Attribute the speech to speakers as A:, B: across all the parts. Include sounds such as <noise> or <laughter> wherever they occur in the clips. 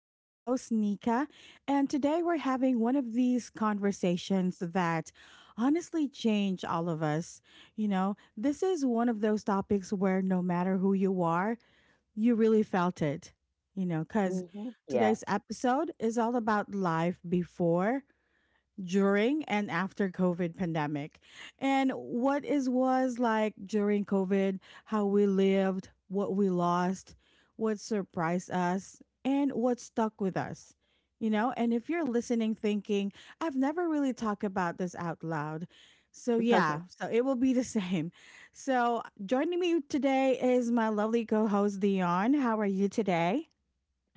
A: I'm your host, Nika. And today we're having one of these conversations that honestly change all of us. You know, this is one of those topics where no matter who you are, you really felt it, because
B: Hmm, yes.
A: today's episode is all about life before, during, and after COVID pandemic, and what is was like during COVID, how we lived, what we lost, what surprised us, and what stuck with us. And if you're listening thinking, I've never really talked about this out loud. So yeah,
B: <laughs>
A: so it will be the <laughs> same. So joining me today is my lovely co-host Dion. How are you today?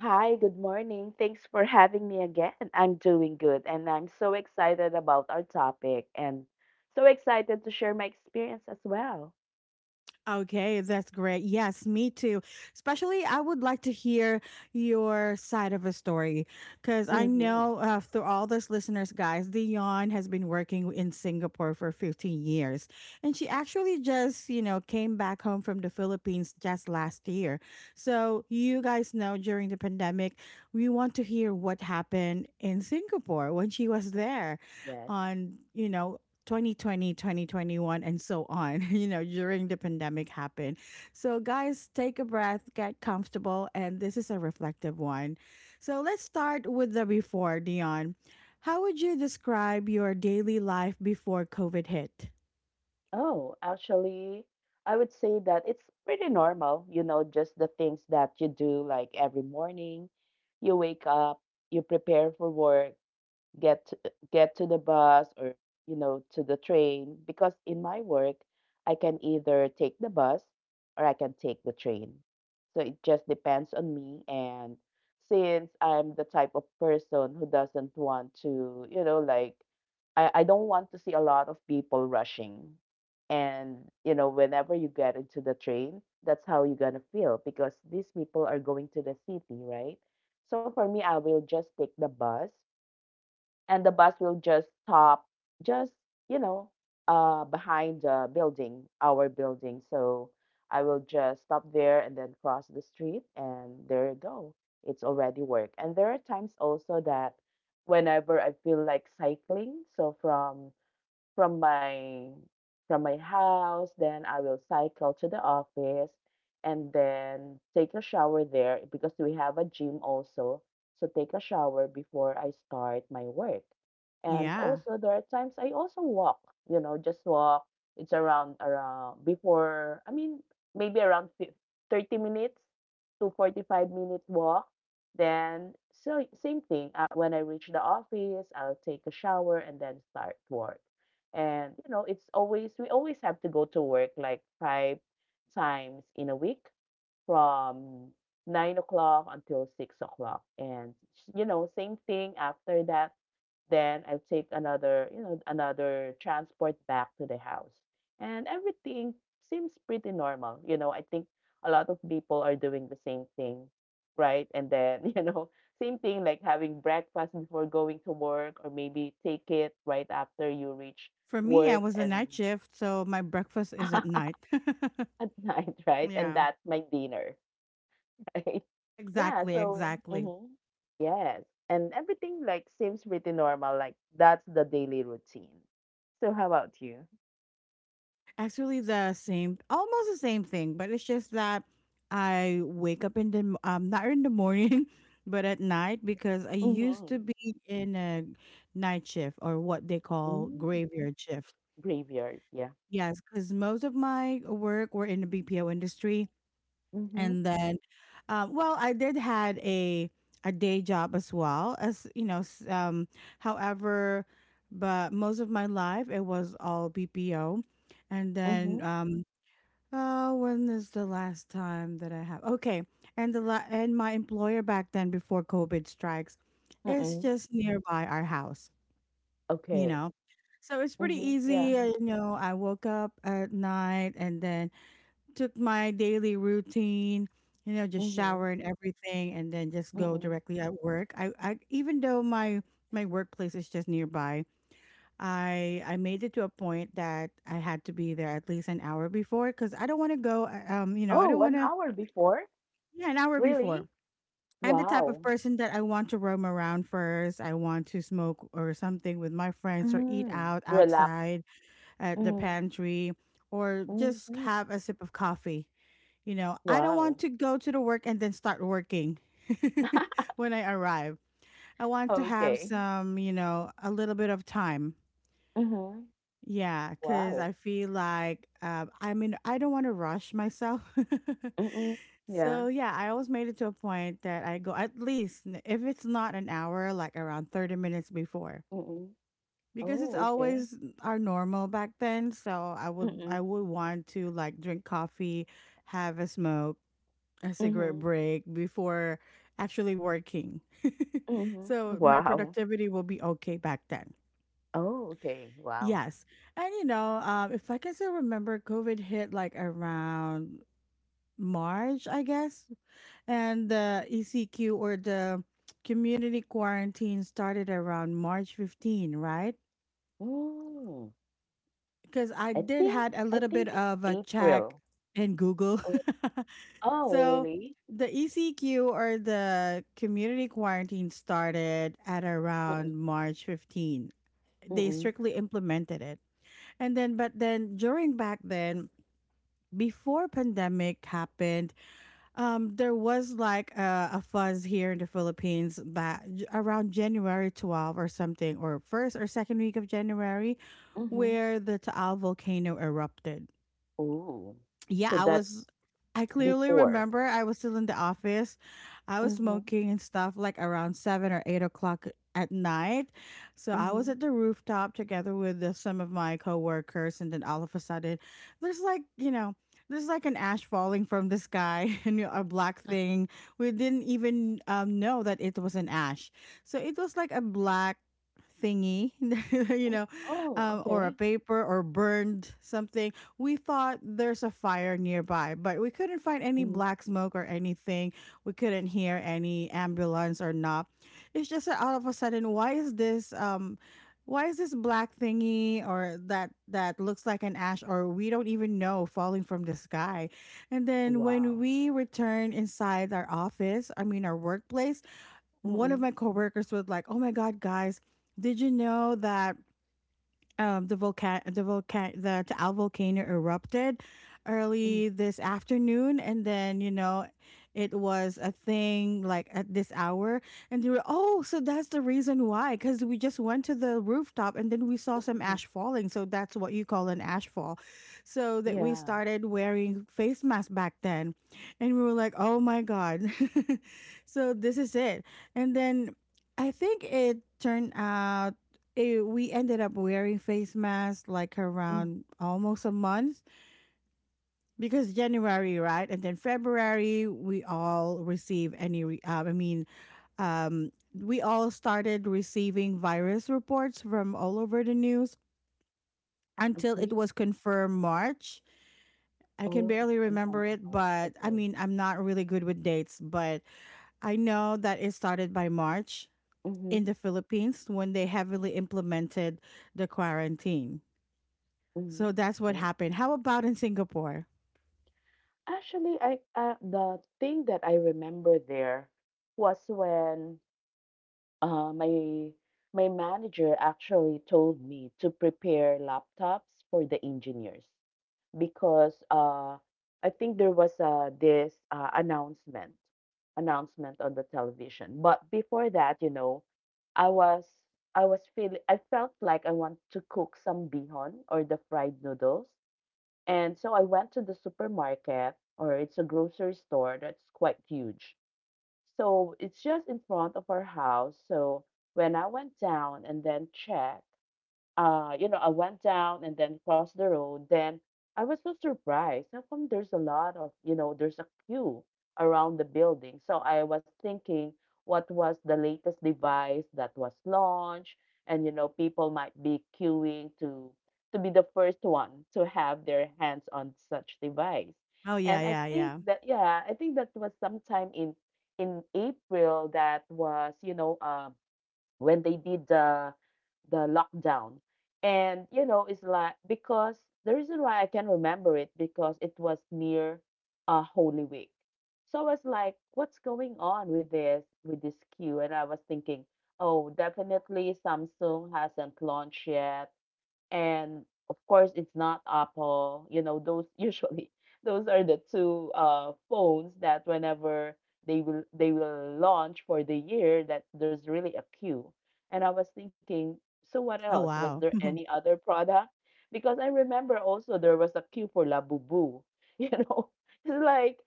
B: Hi, good morning. Thanks for having me again. I'm doing good and I'm so excited about our topic and so excited to share my experience as well.
A: Okay, that's great. Yes, me too. Especially, I would like to hear your side of a story because I
B: Hmm,
A: know through all those listeners, guys, Dion has been working in Singapore for 15 years. And she actually just, came back home from the Philippines just last year. So, you guys know during the pandemic, we want to hear what happened in Singapore when she was there
B: yes.
A: on, 2020 2021 and so on. <laughs> During the pandemic happened, so, guys, take a breath, get comfortable. And this is a reflective one. So let's start with the before. Dion, how would you describe your daily life before COVID hit?
B: Oh, actually, I would say that it's pretty normal, you know, just the things that you do like every morning. You wake up, you prepare for work, get to, get to the bus or you know to the train because in my work I can either take the bus or I can take the train. So it just depends on me and since I'm the type of person who doesn't want to, you know, like I don't want to see a lot of people rushing. And you know, whenever you get into the train, that's how you're gonna feel because these people are going to the city, right? So for me, I will just take the bus and the bus will just stop just you know behind the building our building. So I will just stop there and then cross the street and there you go, it's already work. And there are times also that whenever I feel like cycling, so from my from my house, then I will cycle to the office and then take a shower there because we have a gym also. So take a shower before I start my work. And
A: Yeah,
B: also there are times I also walk, you know, just walk. It's around before, I mean, maybe 30 minutes to 45 minute walk. Then so same thing. When I reach the office, I'll take a shower and then start work. And you know, it's always we always have to go to work like five times in a week from 9 o'clock until 6 o'clock. And, you know, same thing after that, then I'll take another, you know, another transport back to the house. And everything seems pretty normal. You know, I think a lot of people are doing the same thing, right? And then, <laughs> you know, same thing like having breakfast before going to work or maybe take it right after you reach
A: for me I
B: work
A: was a
B: and
A: night shift, so my breakfast is at night.
B: <laughs> at night,
A: <laughs>
B: right? And
A: Yeah,
B: that's my dinner, right? <laughs> Yeah,
A: exactly,
B: so
A: exactly.
B: mhm. Yes. And everything like seems pretty normal. Like that's the daily routine. So how about you?
A: Actually, the same, almost the same thing, but it's just that I wake up not in the morning, <laughs> but at night because I used
B: Mm-hmm.
A: to be in a night shift or what they call
B: Mm.
A: graveyard shift.
B: Graveyard, yeah.
A: Yes, because most of my work were in the BPO industry.
B: Mm-hmm.
A: And then, well, I did had a day job as well, as you know. However, but most of my life it was all BPO. And
B: Mm-hmm.
A: then when is the last time that I have? Okay, and my employer back then, before COVID strikes, is
B: Mm-mm.
A: just nearby our house. You
B: Okay.
A: know, so it's pretty
B: Mm-hmm. Yeah.
A: easy. Mhm. I woke up at night and then took my daily routine. Just
B: Mm-hmm.
A: shower and everything, and then just go
B: Mm-mm.
A: directly at work. I even though my workplace is just nearby, I made it to a point that I had to be there at least an hour before because I don't want to go. I
B: Oh,
A: don't want
B: one
A: to.
B: hour before?
A: Yeah, an hour before.
B: Really?
A: I'm the type of
B: Wow.
A: person that I want to roam around first. I want to smoke or something with my friends or eat
B: Mm.
A: out
B: Relax.
A: outside at the
B: Mm.
A: pantry or just
B: Mm-hmm.
A: have a sip of coffee. I don't want
B: Wow.
A: to go to the work and then start working <laughs> when I arrive. I want to have
B: Okay.
A: some, a little bit of time.
B: Mm-hmm.
A: Yeah, because
B: Wow.
A: I feel like I mean, I don't want to rush myself.
B: Mm-mm.
A: <laughs>
B: Yeah.
A: So yeah, I always made it to a point that I go at least, if it's not an hour, like around 30 minutes before,
B: Mm-mm.
A: because it's
B: Oh, okay.
A: always our normal back then. So I would
B: Mm-mm.
A: I would want to like drink coffee, have a smoke, a cigarette
B: Mhm.
A: break before actually working. <laughs>
B: Mhm.
A: So my
B: Wow.
A: productivity will be okay back.
B: Oh, okay. Wow.
A: Yes. And if I can still remember, COVID hit like around March, I guess. And the ECQ or the community quarantine started around March 15, right?
B: Mm.
A: Because I
B: I
A: did had a little bit
B: think it's
A: of a check
B: April.
A: in Google.
B: Or-
A: <laughs>
B: Oh,
A: So
B: really?
A: the ECQ or the community quarantine started at
B: Mm-mm.
A: around March 15. They
B: Mm-mm.
A: strictly implemented it. And then, but then during back then, before pandemic happened, there was like a fuzz here in the Philippines back around January 12 or something, or first or second week of January,
B: Mhm.
A: where the Taal volcano erupted.
B: Oh.
A: Yeah,
B: So
A: I
B: that's
A: was. I clearly
B: before.
A: remember I was still in the office. I was
B: Mhm.
A: smoking and stuff like around 7 or 8 o'clock at night. So I was
B: Mhm.
A: at the rooftop together with some of my coworkers, and then all of a sudden, there's like you know, there's like an ash falling from the sky <laughs> and a black thing. We didn't even know that it was an ash. So it was like a black thingy, <laughs> you
B: Mm.
A: know,
B: Oh, okay.
A: or a paper or burned something. We thought there's a fire nearby, but we couldn't find any
B: Mm.
A: black smoke or anything. We couldn't hear any ambulance or not. It's just that all of a sudden, why is this black thingy, or that looks like an ash or we don't even know, falling from the sky. And then when
B: Wow.
A: we returned inside our office, I mean, our workplace, one of
B: Mm-mm.
A: my coworkers was like, oh my God, guys, did you know that the Taal volcano erupted
B: Mm.
A: early this afternoon? And then, it was a thing like at this hour. And they were, oh, so that's the reason why, because we just went to the rooftop and then we saw some
B: Mm-mm.
A: ash falling, so that's what you call an ash fall. So that we
B: Yeah.
A: started wearing face masks back then, and we were like, oh my God, <laughs> so this is it. And then I think it turned out, we ended up wearing face masks like
B: Mm.
A: around almost a month, because January, right? And then February, we all I mean, we all started receiving virus reports from all over the news until it
B: Okay.
A: was confirmed March. I can
B: Oh, it's
A: barely
B: sometime
A: remember
B: in
A: it,
B: March.
A: but I
B: Okay.
A: mean, I'm not really good with dates, but I know that it started by March in
B: Mhm.
A: the Philippines when they heavily implemented the quarantine. So
B: Mhm.
A: that's what
B: Okay.
A: happened. How about in Singapore?
B: Actually, I the thing that I remember there was when uh, my my manager actually told me to prepare laptops for the engineers because I think there was this announcement on the television. But before that, you know, I was I was feeling I felt like I want to cook some bihon or the fried noodles, and so I went to the supermarket, or it's a grocery store that's quite huge. So it's just in front of our house. So when I went down and then checked, you know, I went down and then crossed the road. Then I was so surprised. How come there's a lot of, you know, there's a queue around the building? So I was thinking what was the latest device that was launched, and you know, people might be queuing to be the first one to have their hands on such device.
A: Oh, yeah,
B: And I
A: yeah,
B: think
A: yeah.
B: that yeah, I think that was sometime in April that was, you know, when they did the lockdown. And you know, it's like because the reason why I can remember it because it was near Holy Week. So I was like, what's going on with this queue? And I was thinking, oh, definitely Samsung hasn't launched yet and of course it's not Apple, you know, those usually <laughs> those are the two phones that whenever they will launch for the year that there's really a queue. And I was thinking, so what
A: Oh,
B: else? Was there
A: wow.
B: any
A: <laughs>
B: other product? Because I remember also there was a queue for Labubu, <laughs> you know, <laughs> it's like,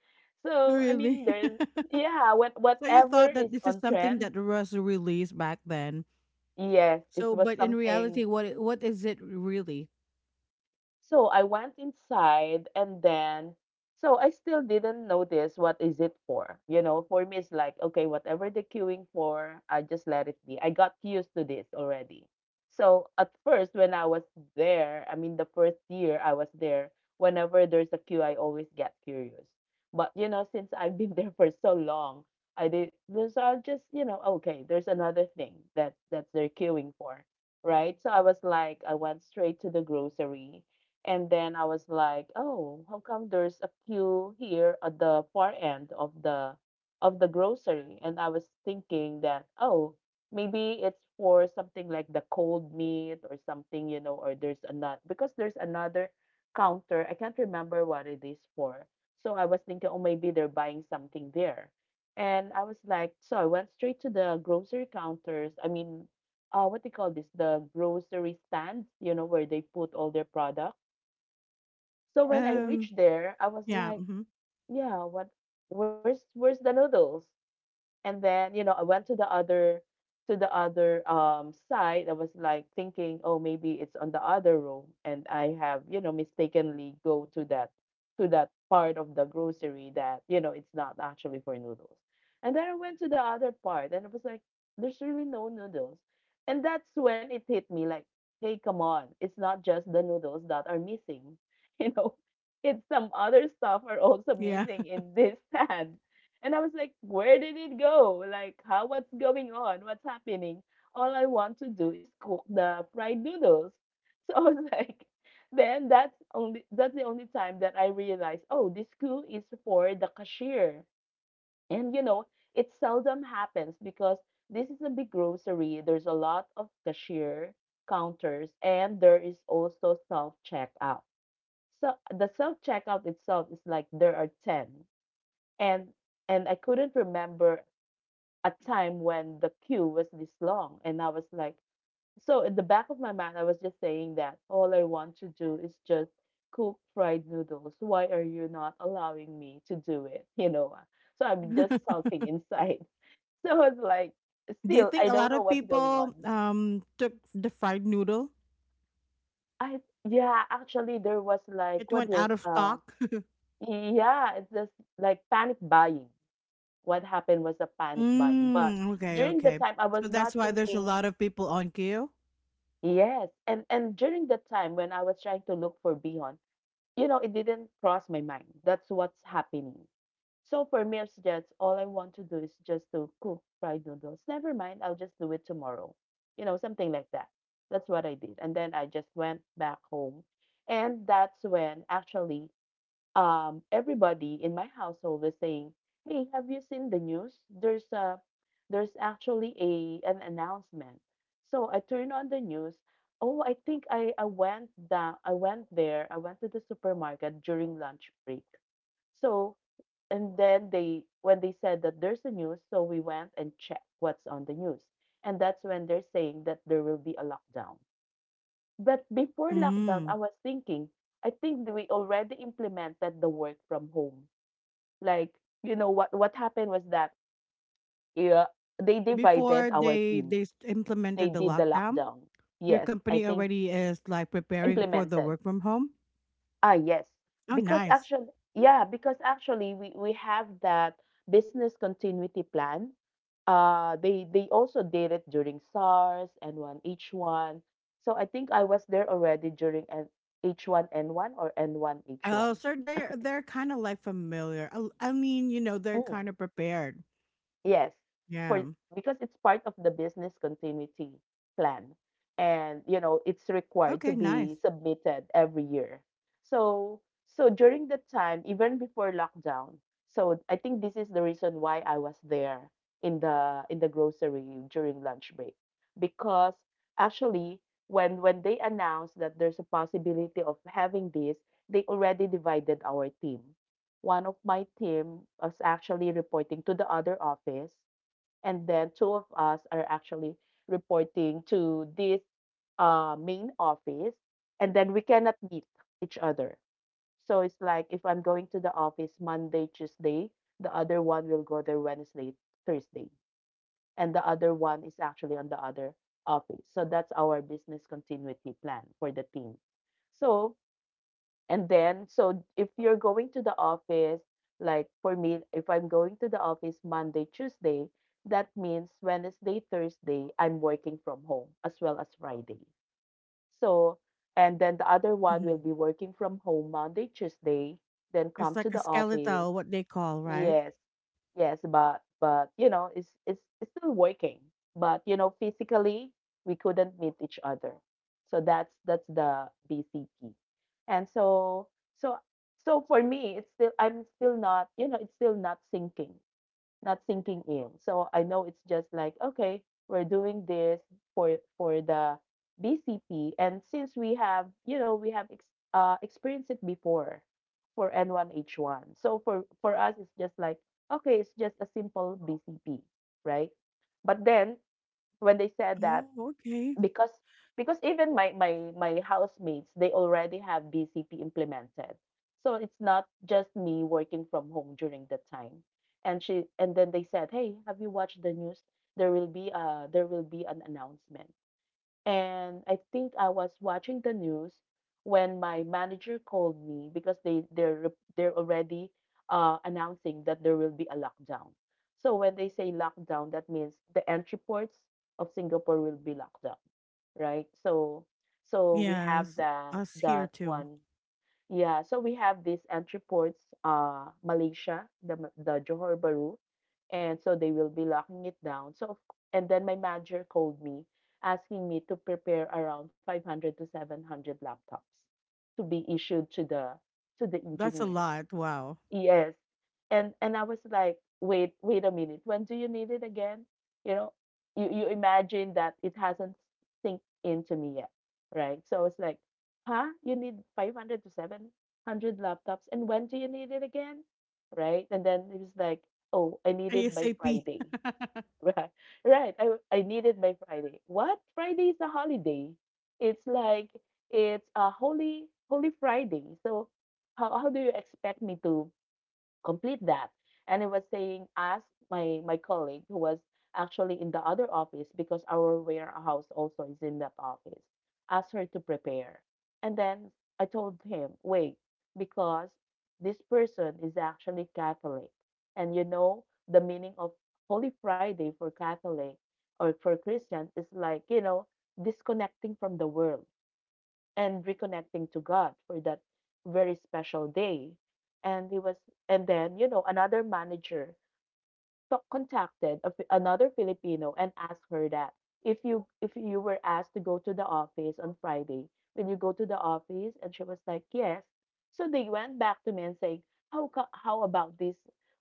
B: so I
A: Really?
B: mean there's, yeah, what
A: <laughs> So you
B: whatever
A: thought that
B: is
A: this is
B: on
A: something
B: trend.
A: that was released back then.
B: Yes, it
A: So,
B: was
A: but in
B: something.
A: reality, what is it really?
B: So I went inside and then, so I still didn't notice what is it for. You know, for me it's like, okay, whatever they're queuing for, I just let it be. I got used to this already. So at first when I was there, I mean the first year I was there, whenever there's a queue I always get curious. But you know, since I've been <laughs> there for so long, I did, so I just, you know, okay, there's another thing that they're queuing for, right? So I was like, I went straight to the grocery and then I was like, "Oh, how come there's a queue here at the far end of the grocery?" And I was thinking that, "Oh, maybe it's for something like the cold meat or something, you know, or there's another, because there's another counter. I can't remember what it is for." So I was thinking, "Oh, maybe they're buying something there." And I was like, so I went straight to the grocery counters. I mean, what do you call this? The grocery stands, you know, where they put all their products. So when I
A: Um
B: reached there, I was
A: yeah,
B: like,
A: hmm,
B: yeah, what, where's the noodles? And then, you know, I went to the other side. I was like thinking, oh, maybe it's on the other room. And I have, you know, mistakenly go to that part of the grocery that, you know, it's not actually for noodles. And then I went to the other part and I was like, there's really no noodles. And that's when it hit me like, hey, come on, it's not just the noodles that are missing, <laughs> you know. It's some other stuff are also
A: yeah.
B: missing in this <laughs> stand, and I was like, where did it go? Like, how, what's going on? What's happening? All I want to do is cook the fried noodles. <laughs> So I was like, then that's the only time that I realized, oh, this coup is for the cashier. And you know, it seldom happens because this is a big grocery. There's a lot of cashier counters and there is also self-checkout. So the self-checkout itself is like there are 10. And I couldn't remember a time when the queue was this long. And I was like, so in the back of my mind, I was just saying that all I want to do is just cook fried noodles. Why are you not allowing me to do it? <laughs> You know, so I'm just
A: <laughs>
B: sulking inside. <laughs> So I was like,
A: Do you
B: still,
A: think
B: I
A: a
B: don't
A: lot
B: know
A: of
B: what's going on.
A: people took the fried noodle?
B: I, yeah, actually, there was like,
A: It
B: what
A: went
B: is,
A: out of stock. <laughs>
B: yeah, it's just like panic buying. What happened was a panic buying. But
A: Mm, okay,
B: during the
A: okay.
B: time, I was
A: So
B: not
A: that's why there's a
B: thinking.
A: lot of people on queue.
B: Yes, and during that time when I was trying to look for bihon, you know, it didn't cross my mind that's what's happening. So for me, it's just all I want to do is just to cook fried noodles. Never mind, I'll just do it tomorrow. You know, something like that. That's what I did, and then I just went back home, and that's when actually everybody in my household was saying, "Hey, have you seen the news? There's a there's actually a an announcement." So I turned on the news. Oh, I think I went down. I went there. I went to the supermarket during lunch break. So, and then they, when they said that there's a news, so we went and checked what's on the news. And that's when they're saying that there will be a lockdown. But before lockdown,
A: Mm.
B: I was thinking, I think that we already implemented the work from home. Like, you know, what happened was that yeah, they divided
A: Before
B: our
A: they
B: team.
A: they s-
B: They
A: implemented the
B: did the
A: lockdown,
B: lockdown.
A: your
B: Yes, I
A: company
B: think
A: already is like preparing for the
B: implemented.
A: work from home.
B: Ah, yes.
A: Oh,
B: Because
A: nice.
B: actually, yeah, because actually we have that business continuity plan. They also did it during SARS and one H one. So I think I was there already during H one N one or N one H
A: Oh,
B: one.
A: so they're kind of like familiar. I mean, they're kind of prepared.
B: Yes,
A: Yeah.
B: for because it's part of the business continuity plan, and you know it's required to
A: Okay. Nice.
B: be submitted every year. So so during the time, even before lockdown, so I think this is the reason why I was there in the grocery during lunch break because actually when they announced that there's a possibility of having this, they already divided our team. One of my team is actually reporting to the other office, and then two of us are actually reporting to this main office, and then we cannot meet each other. So it's like if I'm going to the office Monday, Tuesday, the other one will go there Wednesday, Thursday, and the other one is actually on the other office. So that's our business continuity plan for the team. So so if you're going to the office, like for me, if I'm going to the office Monday, Tuesday, that means Wednesday, Thursday, I'm working from home as well as Friday. So, and then the other one will
A: hmm
B: be working from home Monday, Tuesday, then
A: It's
B: come to
A: like a
B: the office.
A: skeletal, what they call, right?
B: Yes, yes, but you know, it's still working. But you know, physically we couldn't meet each other. So that's the BCP. And so so so for me, it's still I'm still not, you know, it's still not sinking in. So I know it's just like, okay, we're doing this for the BCP, and since we have, you know, we have experienced it before for N1H1. So for us, it's just like, okay, it's just a simple BCP, right? But then when they said that,
A: Oh, okay.
B: because even my housemates, they already have BCP implemented, so it's not just me working from home during that time. And then they said, hey, have you watched the news? There will be there will be an announcement. And I think I was watching the news when my manager called me because they're already announcing that there will be a lockdown. So when they say lockdown, that means the entry ports of Singapore will be locked down, right? So so we have
A: Yes,
B: that
A: us here
B: that
A: too.
B: one. Yeah, so we have these entry ports, Malaysia, the the Johor Bahru, and so they will be locking it down. So and then my manager called me asking me to prepare around 500 to 700 laptops to be issued to the
A: That's a
B: engineers.
A: lot. Wow.
B: Yes. And I was like, wait, wait a minute. When do you need it again? You know, you imagine that it hasn't sink into me yet, right? So I was like, huh? You need 500 to 700 laptops, and when do you need it again? Right? And then it was like, oh, I need it by
A: ASAP.
B: Friday. <laughs>
A: <laughs>
B: Right. Right. I need it by Friday. What? Friday is a holiday. It's like it's a holy Friday. So how do you expect me to complete that? And I was saying, ask my colleague who was actually in the other office because our warehouse also is in that office. Ask her to prepare. And then I told him, wait, because this person is actually Catholic. And you know the meaning of Holy Friday for Catholic or for Christian is like, you know, disconnecting from the world and reconnecting to God for that very special day. And he was, and then you know another manager so contacted another Filipino and asked her that if you were asked to go to the office on Friday, will you go to the office? And she was like, yes. So they went back to me and saying, how about this?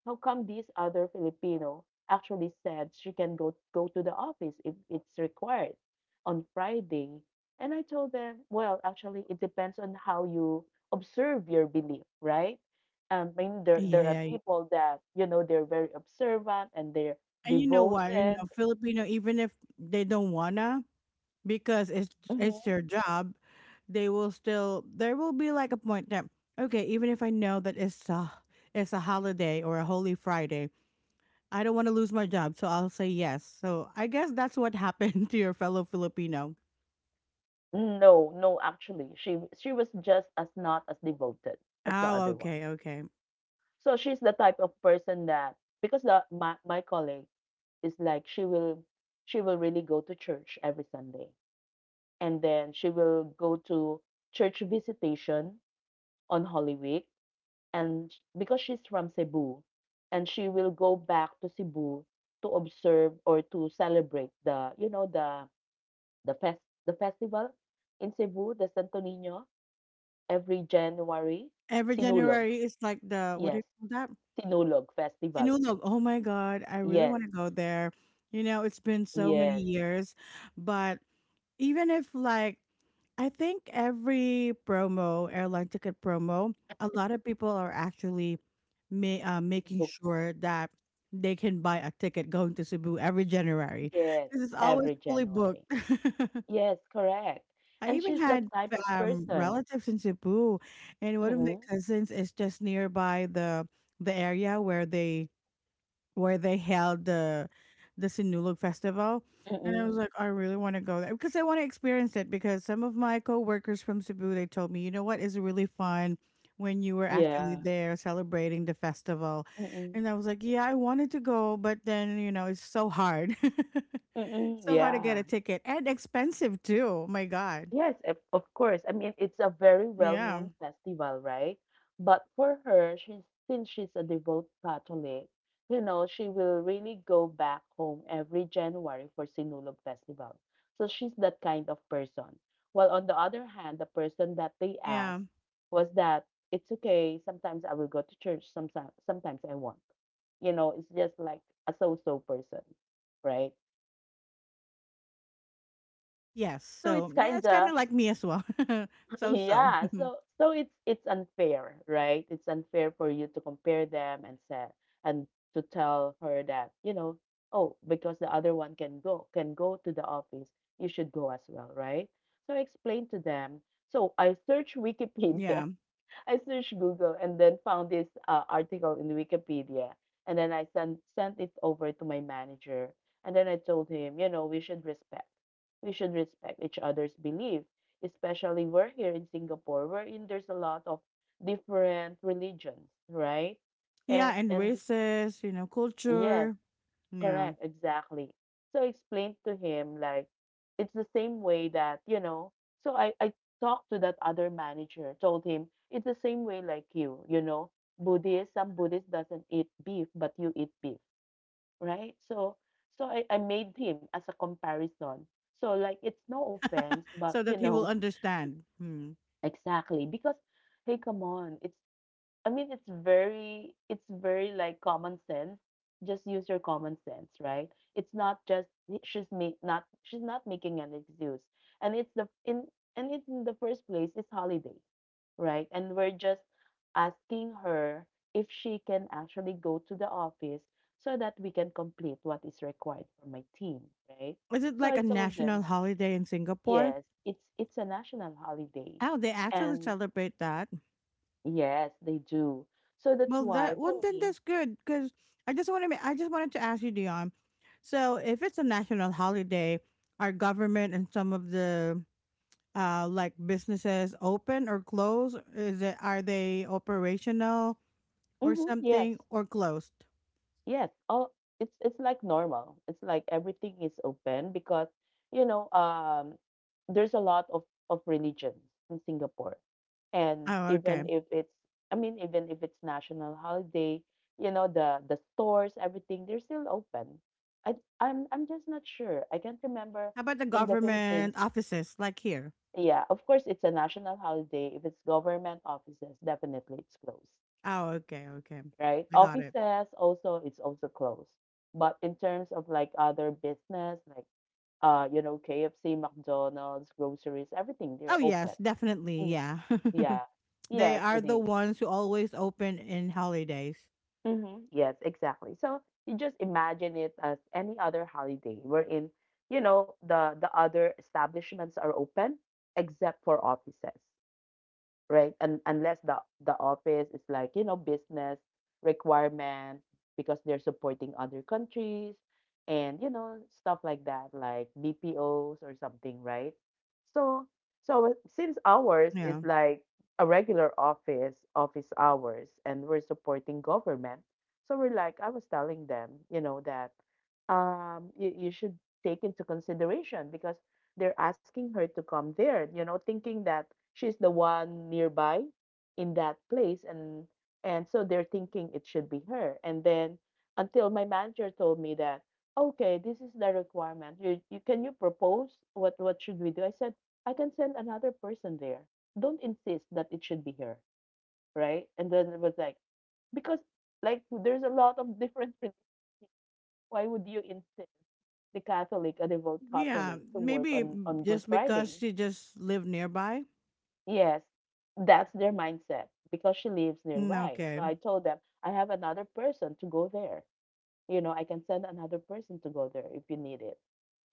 B: How come this other Filipino actually said she can go to the office if it's required on Friday? And I told them, well, actually, it depends on how you observe your belief, right? I mean, there
A: Yeah,
B: are
A: yeah, yeah.
B: people that, you know, they're very observant and they're
A: And you know what? You
B: devoted.
A: know, Filipino, even if they don't wanna, because it's
B: Mhm.
A: it's their job, they will still there will be like a point that okay, even if I know that it's a holiday or a Holy Friday, I don't want to lose my job, so I'll say yes. So I guess that's what happened <laughs> to your fellow Filipino.
B: No, no, actually, she was just as not as devoted as the
A: Oh,
B: other one.
A: okay, okay.
B: So she's the type of person that, because the my colleague is like, she will really go to church every Sunday, and then she will go to church visitation on Holy Week and because she's from Cebu, and she will go back to Cebu to observe or to celebrate the, you know, the fest the festival in Cebu, the Santo Niño, every January.
A: Every
B: Sinulog.
A: January is like the what do you
B: Yes,
A: call that?
B: Sinulog Festival.
A: Sinulog. Oh my God, I really
B: Yes,
A: want to go there. It's been so many
B: yes,
A: years, but even if like I think every promo, airline ticket promo, a lot of people are actually making
B: book,
A: sure that they can buy a ticket going to Cebu every January
B: yes,
A: because it's always
B: every
A: fully booked.
B: January.
A: <laughs>
B: Yes, correct.
A: I
B: And
A: even
B: she's that
A: had
B: type of person.
A: relatives in Cebu, and one of my
B: Mm-mm,
A: cousins is just nearby the area where they held the Sinulog Festival. And I was
B: mm-mm,
A: like, I really want to go there because I want to experience it. Because some of my coworkers from Cebu, they told me, you know what is really fun when you were actually
B: yeah,
A: there celebrating the festival.
B: mm-mm,
A: And I was like, yeah, I wanted to go, but then it's so hard, <laughs>
B: mm-mm,
A: so hard to get a
B: yeah.
A: ticket and expensive too. Oh my God,
B: Yes, of course. I mean, it's a very
A: yeah,
B: well-known festival, right? But for her, she's, since she's a devout Catholic, you know, she will really go back home every January for Sinulog Festival. So she's that kind of person. While on the other hand, the person that they
A: yeah,
B: asked was that, it's okay, sometimes I will go to church, sometimes I won't. You know, it's just like a so-so person, right?
A: yes.
B: So it's
A: So yeah, it's kind
B: kinda
A: of like me as well. <laughs> so
B: <laughs>
A: so,
B: yeah,
A: <laughs>
B: so it's unfair, right? It's unfair for you to compare them and say and to tell her that, you know, oh, because the other one can go to the office, you should go as well, right? So I explained to them. So I searched <laughs> Wikipedia,
A: yeah.
B: I searched Google and then found this article in Wikipedia. And then I sent it over to my manager. And then I told him, you know, we should respect. We should respect each other's belief, especially we're here in Singapore, wherein there's a lot of different religions, right?
A: Yeah,
B: And
A: and
B: and
A: races,
B: yes,
A: culture. Yeah.
B: correct, exactly. So I explained to him like, it's the same way that, you know, so I talked to that other manager, told him it's the same way like, you know, Buddhist, some Buddhist doesn't eat beef, but you eat beef, right? So so I made him as a comparison. So like it's no offense,
A: <laughs>
B: but
A: So
B: you
A: that he will
B: know,
A: understand. Hmm.
B: <laughs> exactly, because hey, come on, it's, I mean, it's very like common sense. Just use your common sense, right? It's not just eh, she's not making an excuse, and it's in the first place it's holiday, right? And we're just asking her if she can actually go to the office so that we can complete what is required for my team, right?
A: Is it
B: So
A: like
B: I
A: a
B: told them,
A: national holiday in Singapore?
B: yes, it's a national holiday,
A: Oh, they actually
B: and
A: celebrate that.
B: yes, they do. So that's
A: Well,
B: why
A: that one
B: for
A: then
B: me,
A: that's good because I just want to. I just wanted to ask you, Dion. So, if it's a national holiday, are government and some of the like businesses open or closed? Is it are they operational or
B: mhm, yes.
A: something or closed?
B: Yes. Oh, it's like normal. It's like everything is open because, you know, there's a lot of religions in Singapore. And
A: Oh, okay.
B: even if it's, I mean, even if it's national holiday, you know, the stores, everything, they're still open. I'm just not sure. I can't remember
A: How about the
B: in the Philippines.
A: government offices like here?
B: Yeah, of course it's a national holiday. If it's government offices, definitely it's closed.
A: Oh, okay, okay.
B: Right?
A: I got it.
B: Offices also it's also closed. But in terms of like other business, like you know, KFC, McDonald's, groceries, everything, they're
A: Oh,
B: open.
A: yes, definitely.
B: Mhm.
A: Yeah.
B: Yeah.
A: <laughs> They
B: Yes,
A: are
B: it
A: the
B: is.
A: ones who always open in holidays.
B: Mm-hmm. Yes, exactly. So you just imagine it as any other holiday wherein, you know, the other establishments are open except for offices. Right? And unless the office is like, you know, business requirement because they're supporting other countries and you know, stuff like that, like BPOs or something, right? So so uh, since ours is
A: Yeah.
B: like a regular office, office hours, and we're supporting government, so we're like, I was telling them, you know, that you, you should take into consideration because they're asking her to come there, you know, thinking that she's the one nearby in that place, and so they're thinking it should be her. And then until my manager told me that, okay, this is the requirement. You can you propose what should we do? I said, I can send another person there. Don't insist that it should be her, right? And then it was like, because there's a lot of different <laughs> religions, why would you insist the Catholic, a devout
A: Yeah.
B: Catholic, to work
A: Maybe
B: on Good
A: just because
B: Friday?
A: she just lived nearby.
B: Yes, that's their mindset because she lives
A: Mm,
B: nearby. So
A: okay.
B: I told them, I have another person to go there. You know, I can send another person to go there if you need it.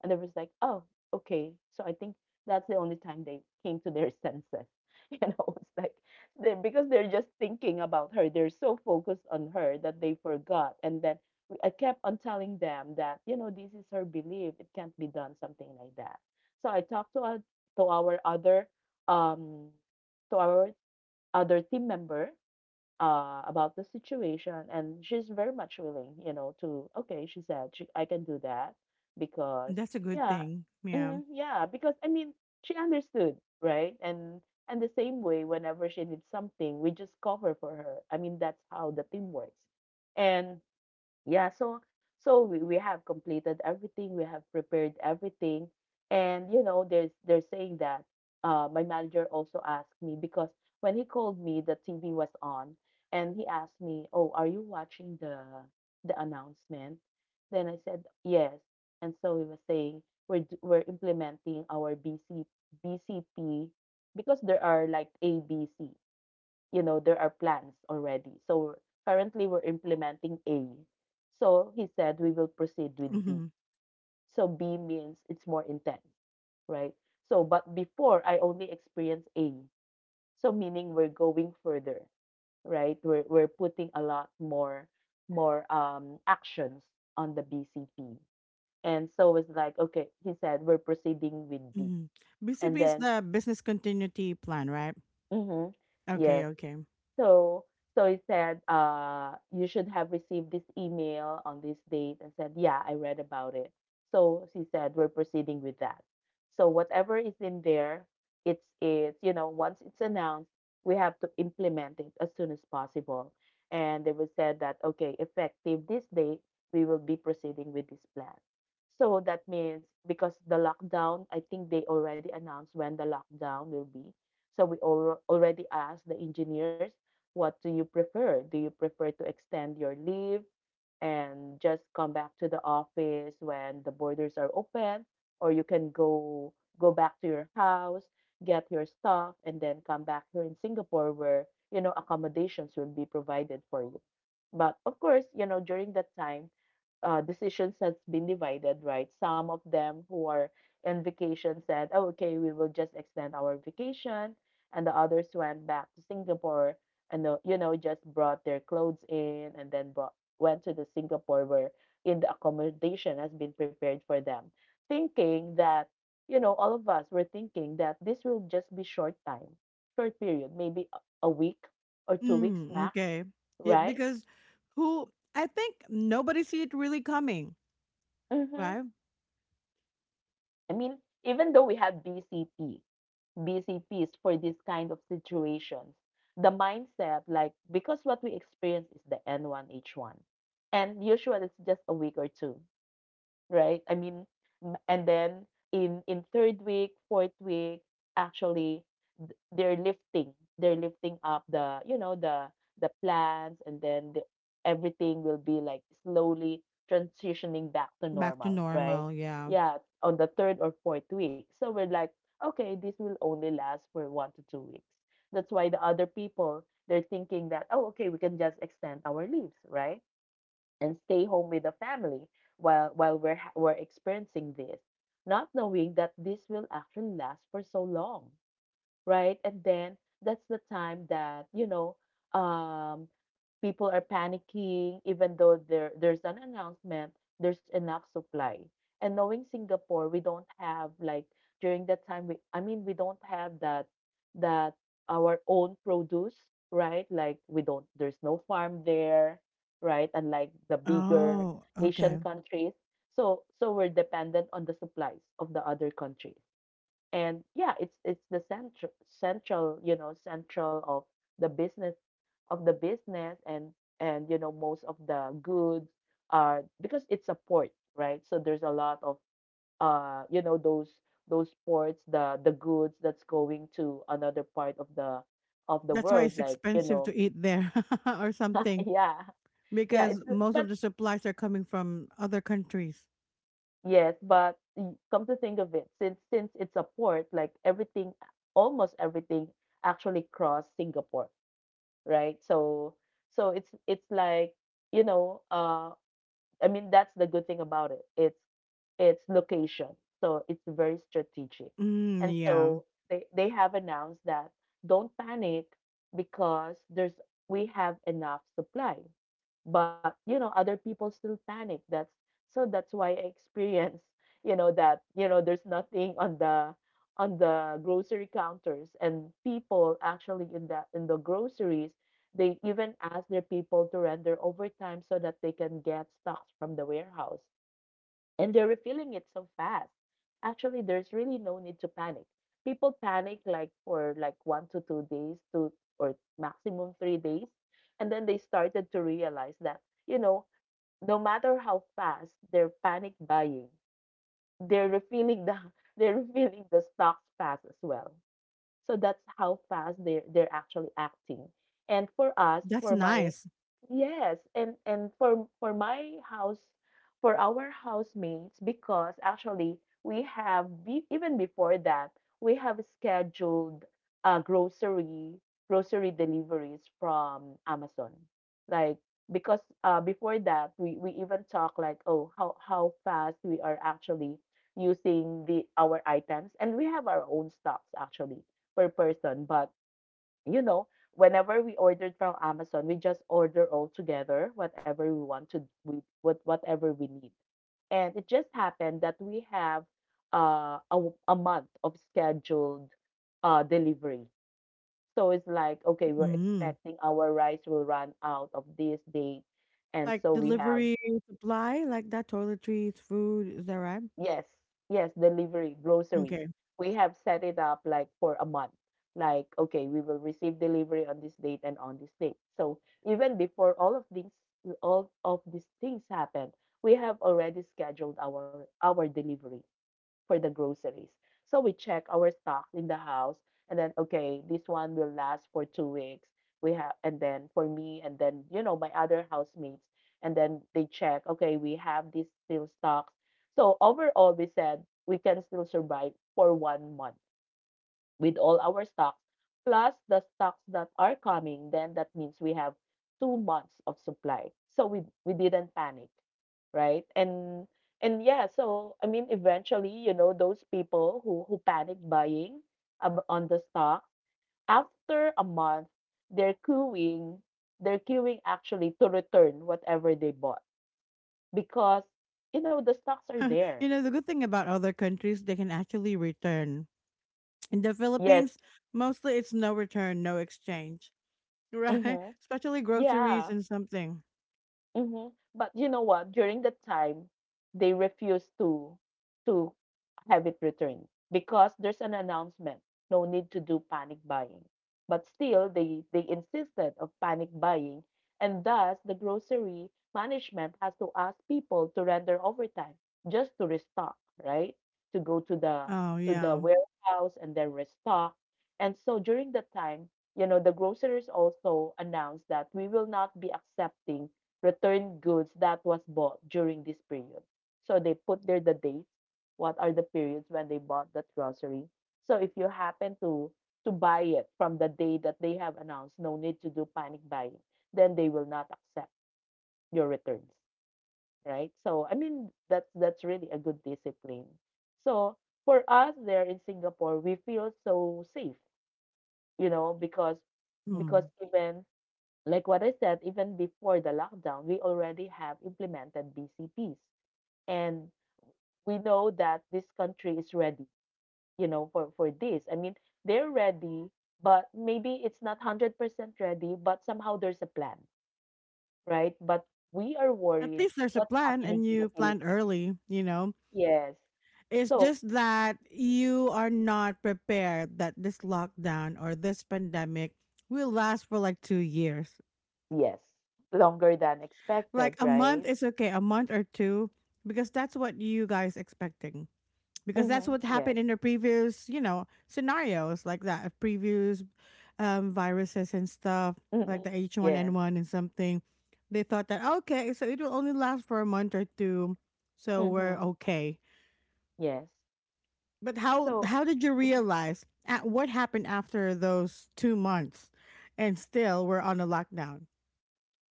B: And they was like, oh, okay. So I think that's the only time they came to their senses. <laughs> You know, it's like they are because they're just thinking about her. They're so focused on her that they forgot. And then I kept on telling them that, you know, this is her belief. It can't be done, something like that. So I talked to our other um to our other team member about the situation, and she's very much willing, you know, to okay, she said, I can do that because
A: That's a good
B: yeah,
A: thing. Yeah.
B: mhm, yeah, because I mean, she understood, right? And the same way, whenever she needs something, we just cover for her. I mean, that's how the team works, and yeah, so we have completed everything, we have prepared everything. And you know, there's they're saying that my manager also asked me because when he called me the TV was on and he asked me, "Oh, are you watching the announcement?" Then I said, "Yes." And so he was saying, We're implementing our BC BCP because there are like ABC, you know, there are plans already. So currently we're implementing A. So he said we will proceed with B."
A: Mm-hmm.
B: So B means it's more intense, right? So, but before I only experienced A. So meaning we're going further, right? We're putting a lot more, actions on the BCP. And so it's like, okay, he said we're proceeding with B.
A: Mm-hmm.
B: And
A: BCP is
B: then,
A: the business continuity plan, right?
B: mm-hmm,
A: Okay.
B: yes.
A: Okay.
B: So so it said, you should have received this email on this date and said, yeah, I read about it. So she said, we're proceeding with that. So whatever is in there, it's you know once it's announced, we have to implement it as soon as possible. And they were said that okay, effective this date, we will be proceeding with this plan. So that means because the lockdown, I think they already announced when the lockdown will be. So we already asked the engineers, what do you prefer? Do you prefer to extend your leave and just come back to the office when the borders are open, or you can go back to your house, get your stuff, and then come back here in Singapore where, you know, accommodations will be provided for you. But of course, you know, during that time decisions has been divided, right? Some of them who are in vacation said, oh, okay, we will just extend our vacation. And the others went back to Singapore and, you know, just brought their clothes in and then went to the Singapore where in the accommodation has been prepared for them, thinking that, you know, all of us were thinking that this will just be short time, short period, maybe a week or 2 weeks
A: Mm,
B: max,
A: okay. Yeah,
B: right?
A: because who, I think nobody see it really coming,
B: Mhm.
A: right?
B: I mean, even though we have BCPs for this kind of situations, the mindset, like, because what we experience is the N1H1, and usually it's just a week or two, right? I mean, and then in third week, fourth week, actually th- they're lifting, they're lifting up the, you know, the plans, and everything will be like slowly transitioning back to
A: Back to
B: normal, right?
A: normal, yeah.
B: Yeah, on the third or fourth week. So we're like, okay, this will only last for 1 to 2 weeks. That's why the other people they're thinking that oh okay we can just extend our leaves, right, and stay home with the family while we're experiencing this, not knowing that this will actually last for so long, right? And then that's the time that, you know, um, people are panicking, even though there's an announcement, there's enough supply. And knowing Singapore, we don't have like during that time we I mean we don't have that our own produce, right? Like we don't there's no farm there, right? Unlike the bigger
A: Oh,
B: Asian
A: okay.
B: countries. So so we're dependent on the supplies of the other countries. And yeah, it's the central, you know, central the business of the business and you know most of the goods are because it's a port, right? So there's a lot of you know those ports, the goods that's going to another part of the
A: That's why
B: world,
A: it's
B: like, you
A: expensive
B: know,
A: to eat there <laughs> or
B: <laughs>
A: something
B: yeah, yeah.
A: because
B: It's
A: most
B: but
A: of the supplies are coming from other countries.
B: yes, come to think of it, since it's a port, like everything, almost everything actually cross Singapore, right? So so it's like, you know, I mean that's the good thing about it. It's location. So it's very strategic.
A: Mm,
B: And
A: yeah.
B: so they have announced that don't panic because there's we have enough supply. But you know, other people still panic. That's So that's why I experience, <laughs> you know, that, you know, there's nothing on the on the grocery counters and people actually in the groceries they even ask their people to render overtime so that they can get stocks from the warehouse. And they're refilling it so fast. Actually, there's really no need to panic. People panic like for like 1 to 2 days to or maximum 3 days. And then they started to realize that, you know, no matter how fast they're panic buying, they're refilling the <laughs> they're refilling the stocks fast as well. So that's how fast they're actually acting. And for us,
A: That's
B: for my
A: nice.
B: yes, and for my house, for our housemates, because actually even before that we have scheduled uh, grocery grocery deliveries from Amazon, like because before that we even talk like oh how fast we are actually using the our items and we have our own stocks actually per person. But you know, whenever we ordered from Amazon, we just order all together, whatever we want to, we what whatever we need. And it just happened that we have a month of scheduled delivery. So it's like okay, we're
A: Mm.
B: expecting our rice will run out of this date, and
A: Like
B: so we have
A: delivery supply, like that, toiletries, food, is that right?
B: Yes, yes, delivery, groceries.
A: Okay.
B: We have set it up like for a month. Like, okay, we will receive delivery on this date and on this date. So even before all of these things happened, we have already scheduled our delivery for the groceries. So we check our stocks in the house and then okay, this one will last for 2 weeks. We have and then for me and then you know my other housemates and then they check okay, we have these still stocks. So overall we said we can still survive for 1 month with all our stocks plus the stocks that are coming, then that means we have 2 months of supply. So we didn't panic, right? And yeah, so I mean, eventually, you know, those people who panic buying on the stock after a month, they're queuing, they're queuing actually to return whatever they bought because you know the stocks are
A: <laughs> you
B: there.
A: know, the good thing about other countries, they can actually return. In the
B: Yes.
A: Philippines, mostly it's no return, no exchange, <laughs> right?
B: Mm-hmm.
A: Especially groceries
B: Yeah.
A: and something.
B: Mhm. But you know what? During that time, they refused to have it returned because there's an announcement. No need to do panic buying. But still, they insisted of panic buying, and thus the grocery management has to ask people to render overtime just to restock, right? To go
A: Oh,
B: to the
A: yeah.
B: warehouse and then restock. And so during that time, you know, the grocers also announced that we will not be accepting return goods that was bought during this period. So they put there the dates, what are the periods when they bought that grocery. So if you happen to buy it from the day that they have announced no need to do panic buying, then they will not accept your returns, right? So I mean that's really a good discipline. So for us there in Singapore, we feel so safe, you know, because even like what I said, even before the lockdown, we already have implemented BCPs. And we know that this country is ready, you know, for this. I mean, they're ready, but maybe it's not 100% ready, but somehow there's a plan, right? But we are
A: At
B: worried
A: least there's a
B: what's
A: plan
B: happening
A: and
B: in the
A: you planned
B: Philippines.
A: early, you know.
B: Yes.
A: It's
B: So,
A: just that you are not prepared that this lockdown or this pandemic will last for like 2 years.
B: yes, longer than
A: Like
B: expected,
A: a month
B: right?
A: is okay, a month or two, because that's what you guys expecting. Because that's
B: Mm-hmm.
A: what happened
B: Yes.
A: in the previous, you know, scenarios like that, of previous viruses and stuff,
B: Mm-hmm.
A: like the
B: Yes.
A: H1N1 and something. They thought that, okay, so it will only last for a month or two, so we're
B: Mm-hmm.
A: okay.
B: Yes.
A: But how
B: So,
A: how did you
B: mm-hmm.
A: realize at what happened after those 2 months, and still we're on a lockdown?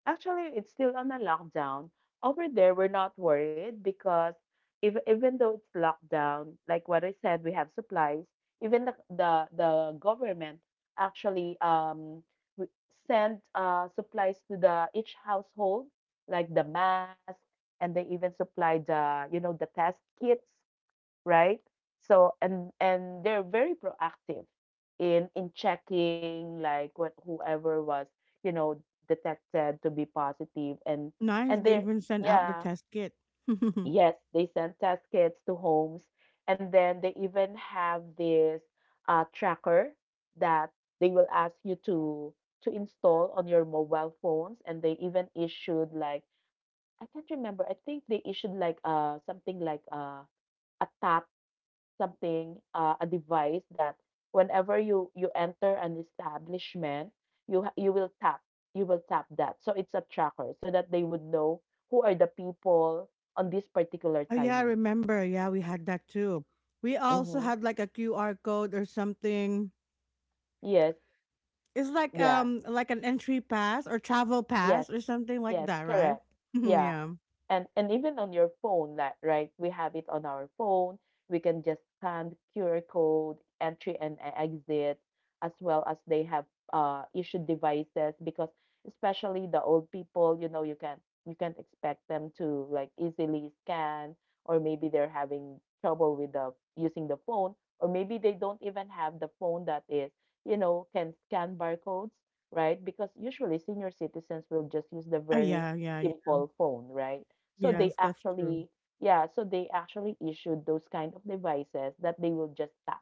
B: Actually, it's still on a lockdown. Over there, we're not worried because if, even though it's lockdown, like what I said, we have supplies. Even the government actually w- sent supplies to the each household, like the mask, and they even supply the you know the test kits, right? So and they're very proactive in checking like what whoever was, you know, detected to be positive
A: Nice.
B: and
A: They
B: they
A: even sent out the
B: yeah,
A: test kit. <laughs> oh
B: yes, they send test kits to homes and then they even have this tracker that they will ask you to install on your mobile phones and they even issued like I can't remember I think they issued like something like a tap something, a device that whenever you enter an establishment, you ha- you will tap you will tap that. So it's a tracker so that they would know who are the people on this particular
A: yeah, I
B: timing.
A: remember. Yeah, we had that too. We also
B: Mm-hmm.
A: had like a QR code or something.
B: Yes.
A: It's
B: Yeah.
A: like an entry pass or travel
B: Yes.
A: pass or something like
B: Yes,
A: that, right?
B: correct.
A: <laughs>
B: Yeah.
A: yeah.
B: And even on your phone, like right, we have it on our phone. We can just scan QR code, entry and exit, as well as they have issued devices because especially the old people, you know, you can't expect them to like easily scan, or maybe they're having trouble with the using the phone, or maybe they don't even have the phone that is, you know, can scan barcodes, right? Because usually senior citizens will just use the
A: Oh
B: very
A: yeah, yeah, yeah.
B: simple phone, right? So they
A: Yes, that's true.
B: actually, yeah, so they actually issued those kind of devices that they will just tap.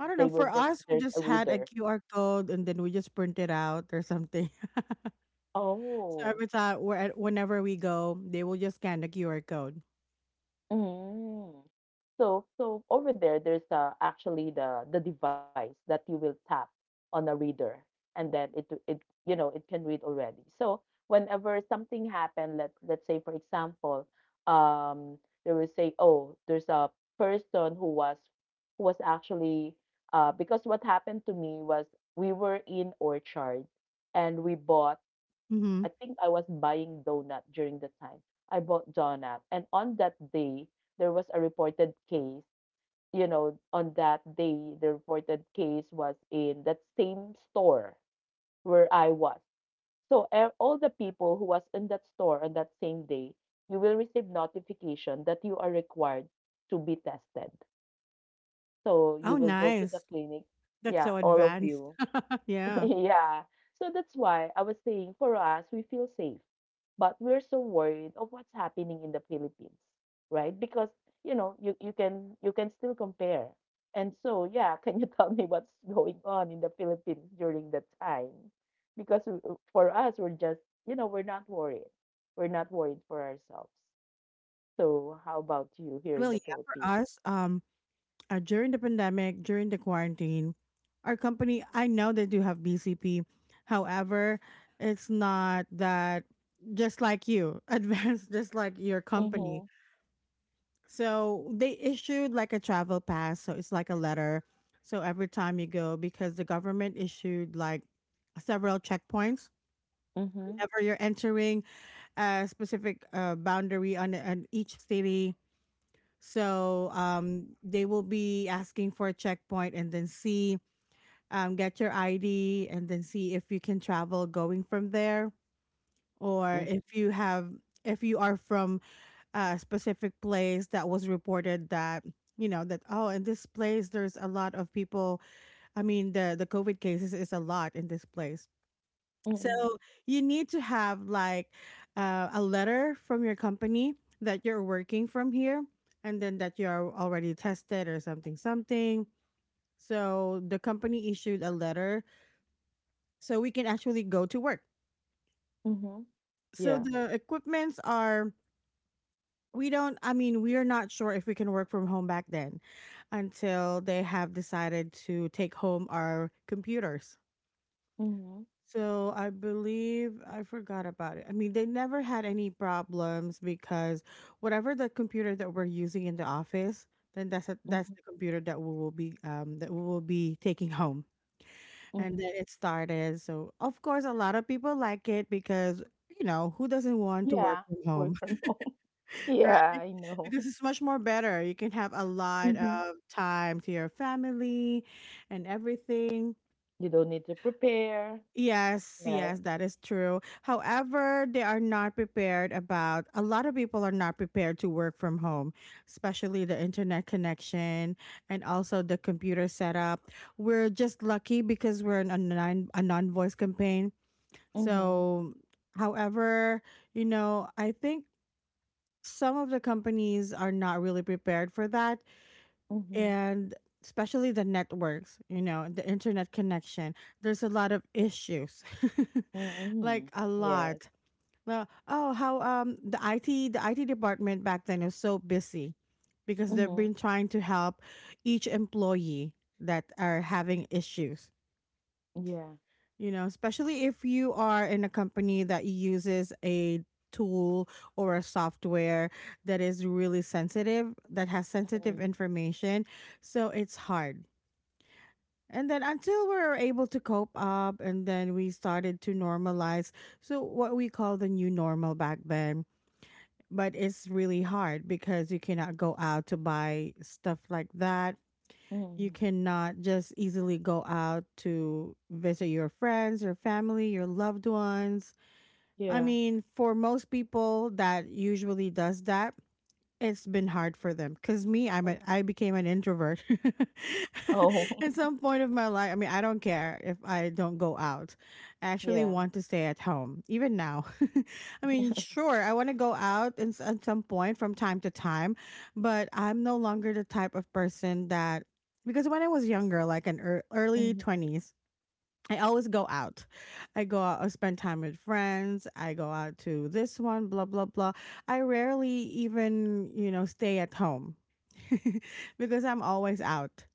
A: I don't know. For us, we
B: There's a
A: just had a
B: reader.
A: QR code and then we just print it out or something. So
B: Oh.
A: every time, where whenever we go, they will just scan the QR code.
B: Mm. So over there, there's actually the device that you will tap on a reader, and then it, you know, it can read already. So whenever something happened, let's say for example, um, they will say, oh, there's a person who was actually, because what happened to me was we were in Orchard and we bought.
A: Mm-hmm.
B: I think I was buying donut during the time. I bought donut, and on that day there was a reported case, you know, on that day, the reported case was in that same store where I was. So all the people who was in that store on that same day, you will receive notification that you are required to be tested. So
A: Oh,
B: you will go to the
A: nice.
B: clinic.
A: That's
B: Yeah,
A: so
B: all of
A: advanced.
B: you.
A: <laughs>
B: <laughs>
A: yeah.
B: Yeah. So that's why I was saying for us, we feel safe but we're so worried of what's happening in the Philippines, right? Because you know you can still compare. And so yeah, <laughs> can you tell me what's going on in the Philippines during that time? Because for us, we're just, you know, we're not worried for ourselves. So how about you here in
A: Well,
B: the
A: yeah. For
B: Philippines?
A: us, during the pandemic, during the quarantine, our company, I know they do have BCP. However, it's not that just like you, <laughs> advanced, just like your
B: Mm-hmm.
A: company. So they issued like a travel pass. So it's like a letter. So every time you go, because the government issued like several checkpoints
B: Mm-hmm.
A: whenever you're entering a specific boundary on each city. So they will be asking for a checkpoint and then see, get your ID and then see if you can travel going from there or if you have, if you are from a specific place that was reported that. You know that, oh, in this place there's a lot of people. I mean, the COVID cases is a lot in this place. So
B: Mm-hmm.
A: you need to have like a letter from your company that you're working from here and then that you're already tested or something, something. So the company issued a letter so we can actually go to work.
B: Mm-hmm.
A: So
B: Yeah.
A: the equipments are, we don't, I mean, we are not sure if we can work from home back then until they have decided to take home our computers.
B: Mm-hmm.
A: So I believe I forgot about it. I mean, they never had any problems because whatever the computer that we're using in the office, then that's a,
B: Mm-hmm.
A: that's the computer that we will be that we will be taking home. And
B: Mm-hmm.
A: then it started. So of course, a lot of people like it because you know who doesn't want to work
B: Yeah.
A: from
B: Work
A: home,
B: from home. <laughs>
A: <laughs>
B: Yeah,
A: right?
B: I
A: Because
B: know.
A: it's much more better. You can have a lot
B: Mm-hmm.
A: of time to your family and everything.
B: You don't need to prepare,
A: Yes,
B: right?
A: yes, that is true. However, they are not prepared about a lot of people are not prepared to work from home, especially the internet connection and also the computer setup. We're just lucky because we're in a non-voice campaign.
B: Mm-hmm.
A: So, however, you know, I think some of the companies are not really prepared for that,
B: Mm-hmm.
A: and especially the networks, you know, the internet connection. There's a lot of issues, <laughs>
B: Mm-hmm.
A: like a
B: Yes.
A: lot. Well, oh, how the IT department back then was so busy because they've
B: Mm-hmm.
A: been trying to help each employee that are having issues.
B: Yeah.
A: You know, especially if you are in a company that uses a tool or a software that is really sensitive, that has sensitive
B: Mm-hmm.
A: information. So it's hard and then until we're able to cope up, and then we started to normalize. So, what we call the new normal back then. But it's really hard because you cannot go out to buy stuff like that. You
B: Mm-hmm.
A: cannot just easily go out to visit your friends, your family, your loved ones. I
B: Yeah.
A: mean, for most people that usually does that, it's been hard for them because me, I became an introvert <laughs>
B: Oh,
A: at some point of my life. I mean, I don't care if I don't go out. I
B: <laughs>
A: actually
B: yeah.
A: want to stay at home even now. <laughs> I mean, sure, I want to go out and at some point from time to time, but I'm no longer the type of person that, because when I was younger, like an early
B: Mm-hmm.
A: 20s, I always go out. I go out, I spend time with friends. I go out to this one, blah, blah, blah. I rarely even, you know, stay at home <laughs> because I'm always out.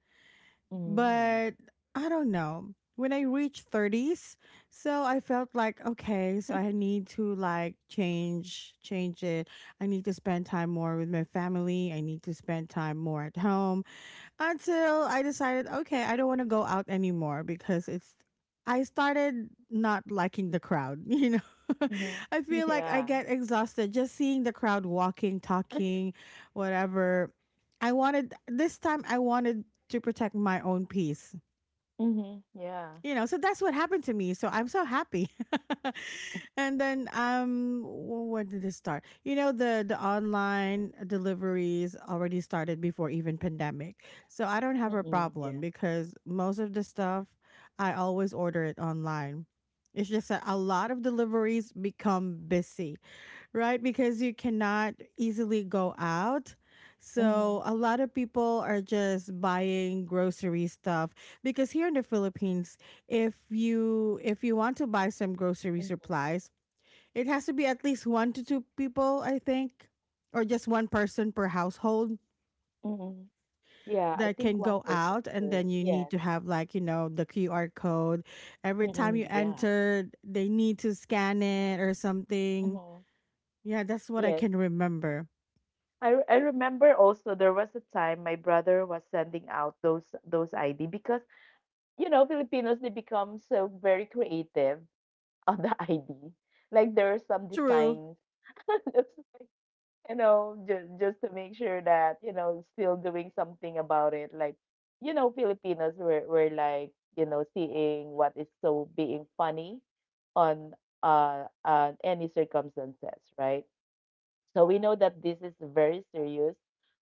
B: Mm-hmm.
A: But I don't know. When I reached 30s, so I felt like, okay, so I need to like change, change it. I need to spend time more with my family. I need to spend time more at home until I decided, okay, I don't want to go out anymore because it's, I started not liking the crowd, <laughs> you know.
B: Mm-hmm.
A: <laughs> I feel like I
B: Yeah.
A: get exhausted just seeing the crowd walking, talking, whatever. I wanted to protect my own peace,
B: Mm-hmm. Yeah.
A: you know. So that's what happened to me. So I'm so happy. <laughs> And then when did this start? You know, the online deliveries already started before even pandemic, so I don't have a
B: Mm-mm.
A: problem
B: Yeah.
A: because most of the stuff I always order it online. It's just that a lot of deliveries become busy, right? Because you cannot easily go out.
B: Mm-hmm.
A: So a lot of people are just buying grocery stuff because here in the Philippines, if you want to buy some grocery
B: Mm-hmm.
A: supplies, it has to be at least one to two people, I think, or just one person per household
B: Mm-hmm. Yeah. I
A: that
B: think
A: can
B: one
A: go
B: person.
A: out, and then you need
B: Yes.
A: to have like, you know, the QR code. Every time you
B: Mm-mm. Yeah.
A: enter, they need to scan it or something.
B: Mm-hmm.
A: Yeah, that's what I
B: Yes.
A: can remember.
B: I remember also there was a time my brother was sending out those ID because, you know, Filipinos, they become so very creative on the <laughs> ID. Like there are some
A: True.
B: designs, <laughs> just, you know, just to make sure that, you know, still doing something about it. Like, you know, Filipinos were like, you know, seeing what is so being funny on any circumstances, right? So we know that this is very serious,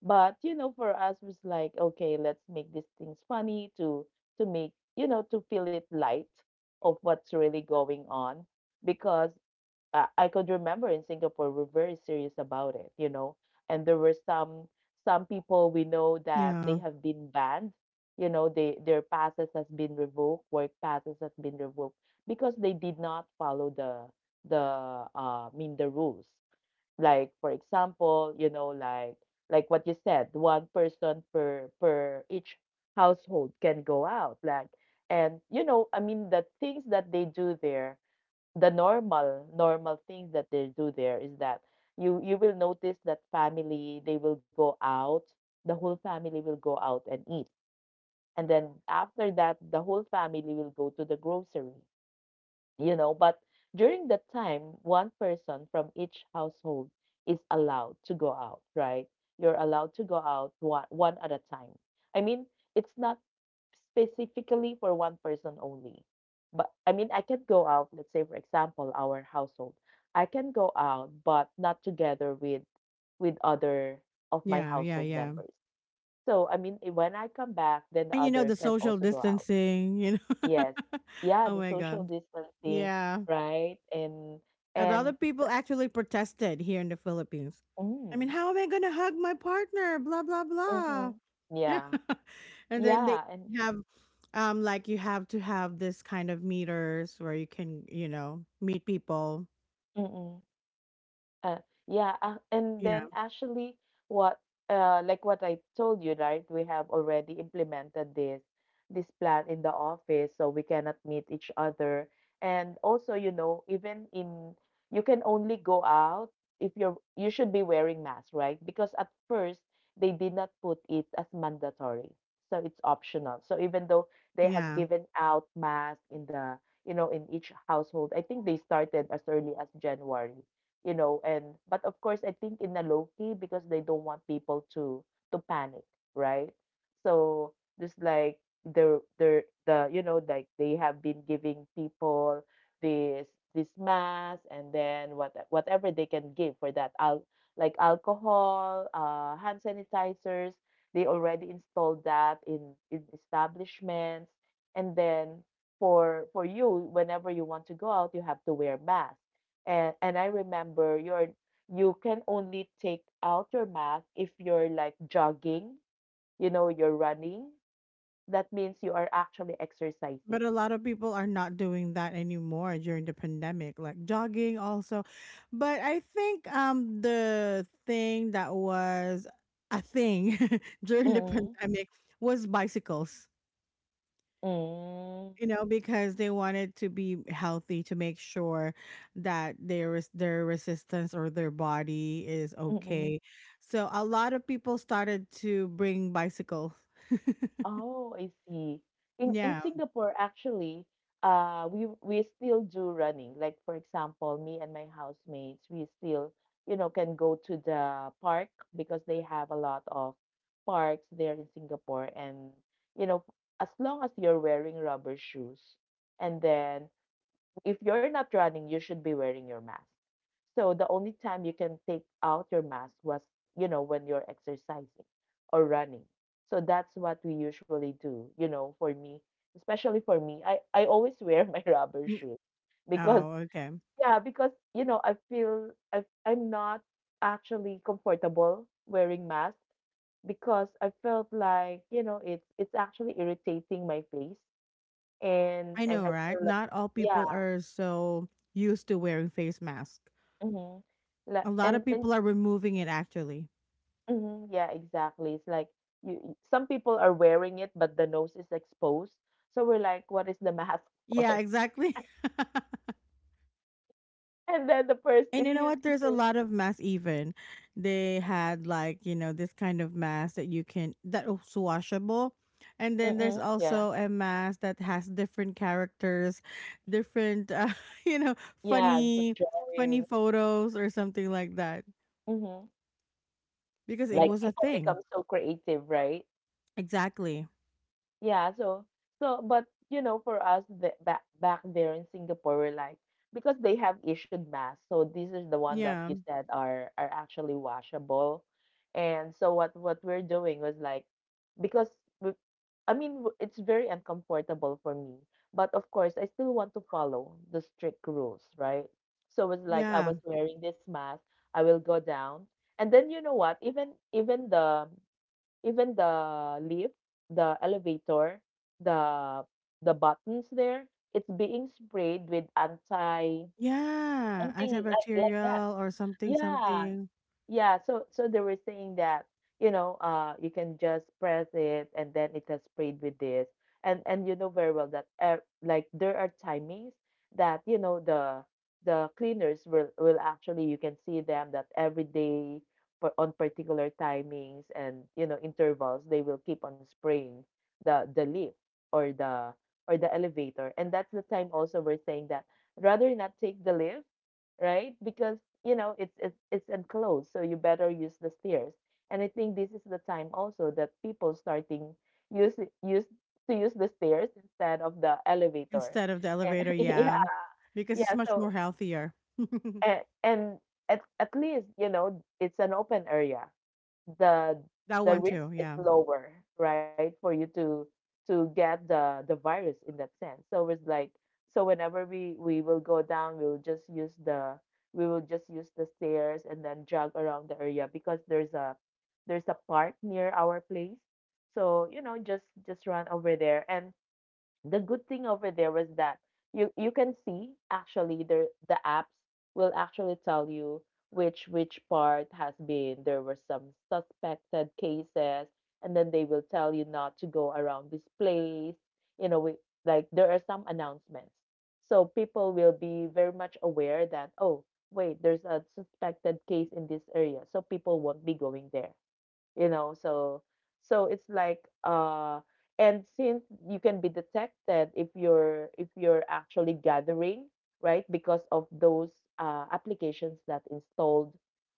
B: but you know, for us, it's like, okay, let's make these things funny to make, you know, to feel it light of what's really going on. Because I could remember in Singapore, we're very serious about it, you know, and there were some people we know that they
A: Yeah.
B: have been banned, you know, they their passes has been revoked, work passes has been revoked because they did not follow the I mean the rules, like, for example, you know, like what you said, one person per each household can go out. Like, and you know, I mean, the things that they do there, the normal things that they do there is that you will notice that family they will go out, the whole family will go out and eat, and then after that, the whole family will go to the grocery, you know, but during that time one person from each household is allowed to go out, right? You're allowed to go out one at a time. I mean, it's not specifically for one person only, but I mean I can go out, let's say for example our household, I can go out but not together with other of my
A: Yeah, yeah,
B: household
A: yeah.
B: members. So I mean, when I come back then the
A: And you know
B: other
A: the
B: can
A: social
B: also go out.
A: distancing, you know.
B: Yes.
A: <laughs>
B: Yeah,
A: Oh
B: the
A: my
B: social
A: god.
B: distancing,
A: Yeah.
B: right? And
A: A lot
B: and
A: of
B: it's,
A: people actually protested here in the Philippines. I mean,
B: mm,
A: how am I going to hug my partner, blah blah blah.
B: mm-hmm. Yeah.
A: <laughs> And then they
B: Yeah, and
A: have like you have to have this kind of meters where you can, you know, meet people.
B: mm-mm. Uh, yeah, and
A: Yeah.
B: then actually, what like what I told you, right? We have already implemented this plan in the office, so we cannot meet each other. And also, you know, even in you can only go out if you should be wearing mask, right? Because at first they did not put it as mandatory, so it's optional. So even though they have
A: Yeah.
B: given out masks in the you know, in each household. I think they started as early as January, you know. And But of course, I think in a low key, because they don't want people to panic, right? So just like the you know, like they have been giving people this this mask, and then whatever they can give for that, like alcohol, hand sanitizers, they already installed that in establishments. And then for you, whenever you want to go out, you have to wear mask. And I remember you can only take out your mask if you're like jogging, you know, you're running. That means you are actually exercising.
A: But a lot of people are not doing that anymore during the pandemic, like jogging also. But I think the thing that was a thing <laughs> during the
B: Mm-hmm.
A: pandemic was bicycles.
B: Mm-hmm.
A: You know, because they wanted to be healthy to make sure that their their resistance or their body is okay. So a lot of people started to bring bicycles.
B: Oh, I see. In
A: Yeah.
B: Singapore, actually, we still do running. Like for example, me and my housemates, we still, you know, can go to the park, because they have a lot of parks there in Singapore. And you know, as long as you're wearing rubber shoes, and then if you're not running, you should be wearing your mask. So the only time you can take out your mask was, you know, when you're exercising or running. So that's what we usually do, you know, for me, especially for me. I always wear my <laughs> rubber
A: Mm.
B: shoes, because
A: Oh, okay.
B: yeah, because you know, I feel I'm not actually comfortable wearing mask, because I felt like, you know, it's actually irritating my face, and
A: I
B: and
A: know,
B: I
A: right?
B: feel like,
A: Not all
B: yeah.
A: people are so used to wearing face masks.
B: Mhm. Like
A: A lot of people
B: and
A: are removing it actually.
B: mhm, yeah, exactly. It's like some people are wearing it but the nose is exposed. So we're like, what is the mask <laughs> for?
A: Yeah, exactly. <laughs>
B: And then the person,
A: And
B: if
A: you know
B: you,
A: what?
B: if
A: There's a
B: you
A: lot of masks even. They had like, you know, this kind of mask that you can that was washable. And then there's
B: mm Yeah.
A: also a mask that has different characters, different <laughs> you know,
B: Yeah, it's a
A: funny funny
B: drawing.
A: photos or something like that
B: Hmm.
A: because it
B: Like
A: was a
B: people
A: thing.
B: become so creative, right?
A: Exactly.
B: Yeah, so but you know, for us back there in Singapore, we're like, because they have issued masks, so this is the one that
A: Yeah.
B: you said are actually washable, and so what we're doing was like, because we, I mean it's very uncomfortable for me, but of course I still want to follow the strict rules, right? So it's like I
A: Yeah.
B: was wearing this mask, I will go down, and then you know what? Even the lift, the elevator, the the buttons there, it's being sprayed with anti,
A: Yeah,
B: something like that.
A: antibacterial or something
B: Yeah.
A: something.
B: Yeah, so they were saying that, you know, you can just press it and then it has sprayed with this. And you know very well that, like there are timings that, you know, the cleaners will actually, you can see them that every day, for on particular timings and, you know, intervals, they will keep on spraying the lift or the or the elevator. And that's the time also we're saying that rather not take the lift, right? Because you know it's enclosed, so you better use the stairs. And I think this is the time also that people starting use use to use the stairs instead of the elevator.
A: Instead of the elevator,
B: <laughs>
A: yeah.
B: Yeah,
A: Because it's
B: yeah.
A: much more
B: So
A: healthier. <laughs>
B: and at least you know it's an open area, the
A: That
B: the
A: one
B: risk
A: too,
B: is
A: yeah.
B: lower, right? For you to get the virus in that sense. So it's like, so whenever we will go down, we will just use the stairs and then jog around the area, because there's a park near our place. So, just run over there. And the good thing over there was that you can see actually the apps will actually tell you which part has been there were some suspected cases, and then they will tell you not to go around this place. You know we, like there are some announcements, so people will be very much aware that, oh wait, there's a suspected case in this area, so people won't be going there, you know so so it's like and since you can be detected if you're actually gathering, right? Because of those applications that installed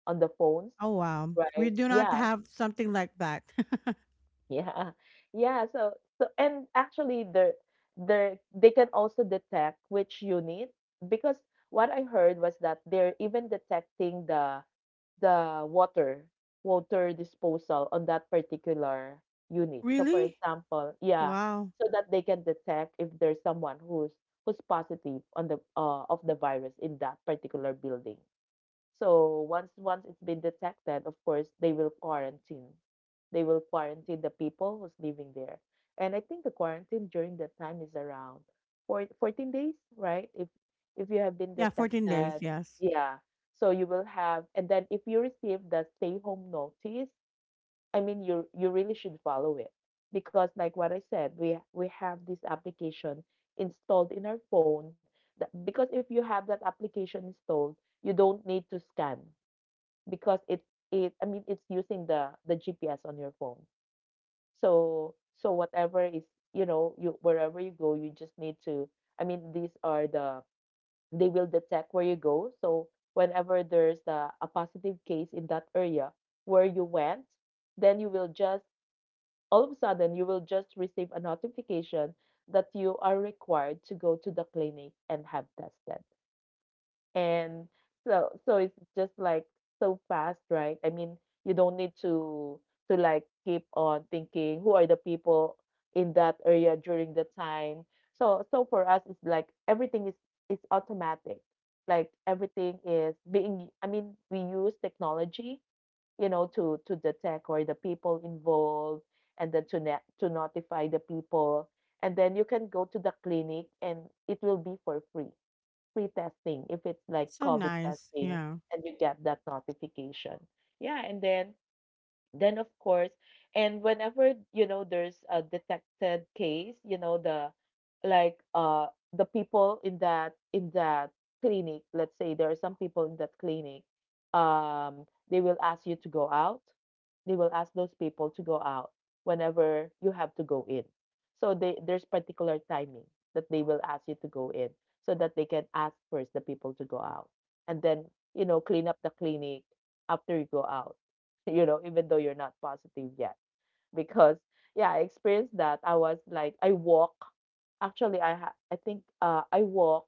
B: on the phones.
A: Oh wow. We
B: Right,
A: do not
B: yeah.
A: have something like that. <laughs>
B: <laughs> Yeah. Yeah, so and actually the they can also detect which unit, because what I heard was that they're even detecting the water disposal on that particular unit. So for
A: Really?
B: example, yeah,
A: Wow.
B: so that they can detect if there's someone who's positive on the of the virus in that particular building. So once it's been detected, of course, they will quarantine. They will quarantine the people who's living there. And I think the quarantine during that time is around 14 days, right? If you have been
A: Yeah, 14
B: detected,
A: days, yes.
B: yeah. So you will have, and then if you receive the stay home notice, I mean, you really should follow it because, like what I said, we have this application installed in our phone. That, because if you have that application installed, you don't need to scan because it I mean it's using the GPS on your phone. So whatever is, you know, you wherever you go, you just need to. I mean, these are the they will detect where you go. So whenever there's a positive case in that area where you went, then you will just, all of a sudden you will just receive a notification that you are required to go to the clinic and have tested. And so it's just like so fast, right? I mean, you don't need to like keep on thinking who are the people in that area during the time. So for us it's like everything is automatic. Like everything is being I mean, we use technology, you know, to detect or the people involved and then to net to notify the people. And then you can go to the clinic and it will be for free testing if it's like
A: It's so
B: COVID
A: nice,
B: testing,
A: yeah.
B: and you get that notification. Yeah, and then of course, and whenever, you know, there's a detected case, you know, the like the people in that clinic, let's say there are some people in that clinic, they will ask you to go out, they will ask those people to go out whenever you have to go in. So they, there's particular timing that they will ask you to go in so that they can ask first the people to go out, and then, you know, clean up the clinic after you go out, <laughs> you know, even though you're not positive yet. Because, yeah, I experienced that. I was like, I walk. Actually, I think I walk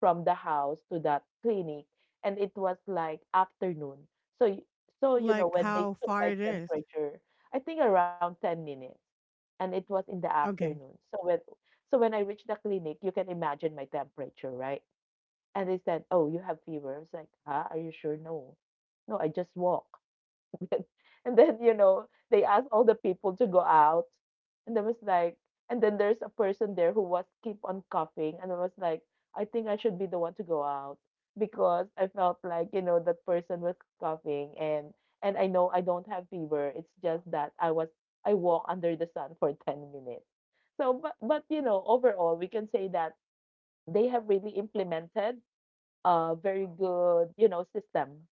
B: from the house to that clinic, and it was like afternoon. So, you know,
A: Like
B: when they
A: how
B: took
A: far
B: my
A: it is.
B: temperature, I think around 10 minutes, and it was in the
A: Okay.
B: afternoon. So when I reached the clinic, you can imagine my temperature, right? And they said, "Oh, you have fever." I was like, "Huh? Are you sure? No, no, I just walk." <laughs> And then, you know, they asked all the people to go out. And I was like, and then there's a person there who was keep on coughing. And I was like, I think I should be the one to go out because I felt like, you know, that person was coughing, and I know I don't have fever. It's just that I was I walk under the sun for <laughs> 10 minutes. So but you know, overall we can say that they have really implemented a very good, you know, system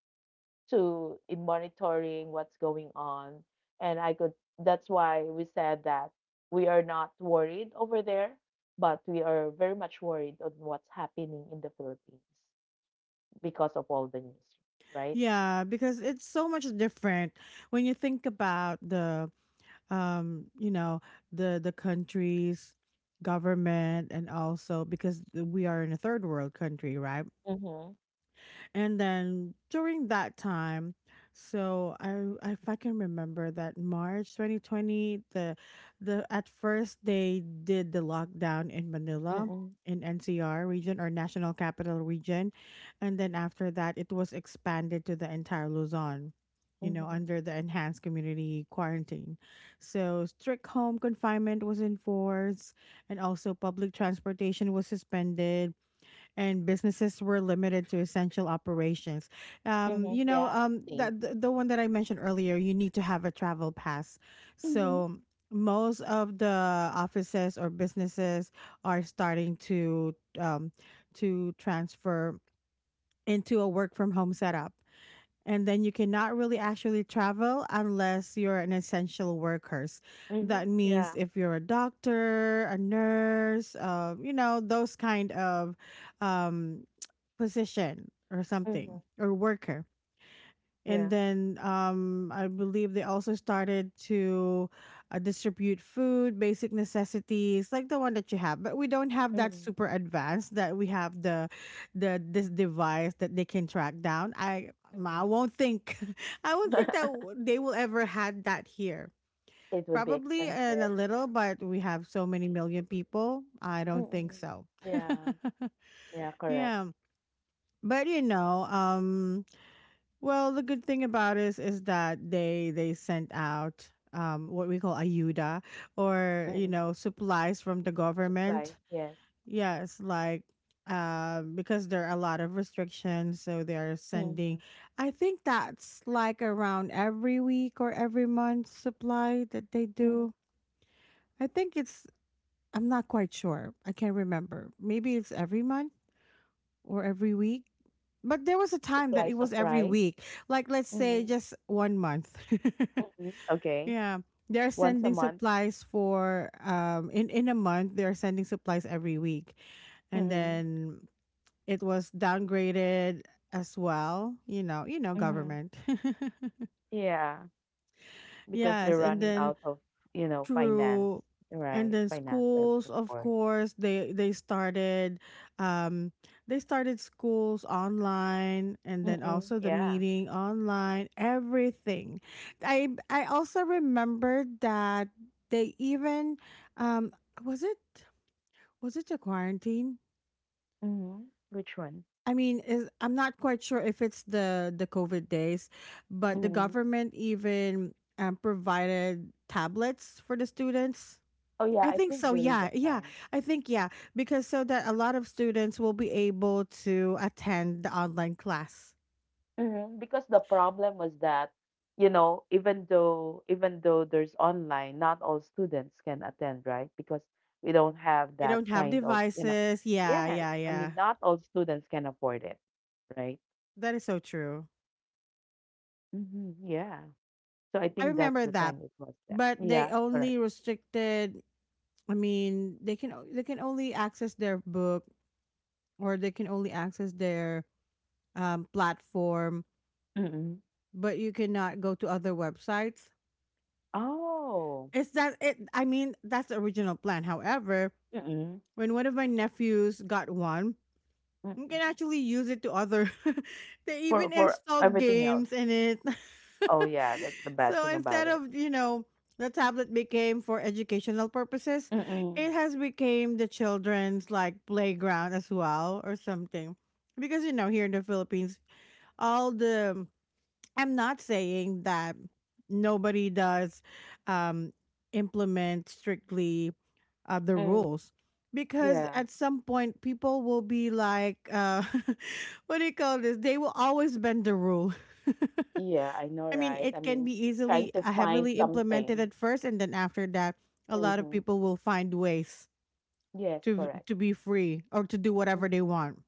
B: to in monitoring what's going on. And I could that's why we said that we are not worried over there, but we are very much worried on what's happening in the Philippines because of all the news, right?
A: Yeah, because it's so much different when you think about the you know, the country's government, and also because we are in a third world country, right?
B: Mm-hmm.
A: And then during that time, so I if I can remember that March 2020, the at first they did the lockdown in Manila
B: Mm-hmm.
A: in NCR region or National Capital Region, and then after that it was expanded to the entire Luzon. You know,
B: Mm-hmm.
A: under the enhanced community quarantine. So, strict home confinement was enforced, and also public transportation was suspended and businesses were limited to essential operations.
B: Mm-hmm. Yeah. Same.
A: That the one that I mentioned earlier, you need to have a travel pass.
B: Mm-hmm.
A: So most of the offices or businesses are starting to transfer into a work from home setup. And then you cannot really actually travel unless you're an essential workers. That
B: Mm-hmm.
A: means
B: Yeah.
A: if you're a doctor, a nurse, those kind of um, position or
B: Mm-hmm.
A: something or worker. And
B: Yeah.
A: then I believe they also started to distribute food, basic necessities, like the one that you have. But we don't have that
B: Mm-hmm.
A: super advanced that we have the this device that they can track down. I
B: Mm-hmm.
A: I won't think <laughs> I won't think that
B: <laughs>
A: they will ever had that here.
B: It would be
A: Probably in
B: expensive.
A: a little, but we have so many million people. I don't think
B: Mm-hmm.
A: so.
B: Yeah. Yeah,
A: <laughs>
B: correct.
A: Yeah. But you know, um Well, the good thing about it is that they sent out what we call ayuda or
B: Mm-hmm.
A: supplies from the government.
B: Supplies, yes.
A: Yes, like because there are a lot of restrictions, so they are sending.
B: Mm-hmm.
A: I think that's like around every week or every month supply that they do. I think it's. I'm not quite sure. I can't remember. Maybe it's every month or every week. But there was a time that
B: Slice
A: it
B: of
A: was every
B: rice.
A: week. Like let's say
B: Mm-hmm.
A: just one month.
B: Hmm.
A: <laughs>
B: Okay.
A: Yeah. They're
B: Once a
A: sending
B: month.
A: supplies for in a month, they're sending supplies every week. And
B: Mm-hmm.
A: then it was downgraded as well,
B: Mm-hmm.
A: government. <laughs>
B: Yeah, because
A: Yes.
B: they're
A: And
B: running
A: then
B: out of, you know, finance,
A: true. And
B: right?
A: then
B: Financial
A: schools, of
B: support.
A: course, they started um they started schools online and then
B: Mm-hmm.
A: also the
B: Yeah.
A: meeting online, everything. I also remember that they even um was it was it the quarantine?
B: Mm-hmm. Which one?
A: I mean, is I'm not quite sure if it's the COVID days, but the
B: Mm-hmm.
A: government even provided tablets for the students.
B: Oh yeah,
A: I
B: I
A: think
B: think
A: so.
B: during that
A: Yeah. Yeah.
B: time.
A: I think, yeah. Because so that a lot of students will be able to attend the online class.
B: Mhm, because the problem was that, you know, even though there's online, not all students can attend, right? Because we don't have
A: They
B: that
A: don't have
B: kind of, you know,
A: devices. Yeah.
B: yes,
A: Yeah.
B: I
A: Yeah.
B: mean, not all students can afford it, right?
A: That is so true.
B: Hmm. Yeah. So I
A: I
B: think that's
A: remember
B: the
A: that.
B: time it was that.
A: But they
B: Yeah, correct.
A: only restricted, I mean, they can they can only access their book or they can only access their platform,
B: Mm-mm.
A: but you cannot go to other websites.
B: Oh,
A: It's that it I mean, that's the original plan. However,
B: mm-mm.
A: when one of my nephews got one, you can
B: Mm-mm.
A: actually use it to other. <laughs> They even
B: For
A: installed
B: everything else.
A: games in it. <laughs>
B: Oh yeah, that's the
A: So
B: bad thing about
A: instead
B: it.
A: of, the tablet became for educational purposes,
B: Mm-mm.
A: it has became the children's like playground as well or something. Because you know, here in the Philippines, all the I'm not saying that nobody does um, implement strictly the
B: Mm.
A: rules because
B: Yeah.
A: at some point people will be like, <laughs> what do you call this? They will always bend the rule.
B: Yeah, I know,
A: <laughs> I mean,
B: right? I
A: it can
B: mean,
A: be
B: trying
A: easily
B: to find
A: heavily implemented
B: something.
A: at first, and then after that, a lot of
B: Mm-hmm.
A: people will find ways
B: Yes,
A: to
B: correct.
A: be free or to do whatever they
B: Mm-hmm.
A: want,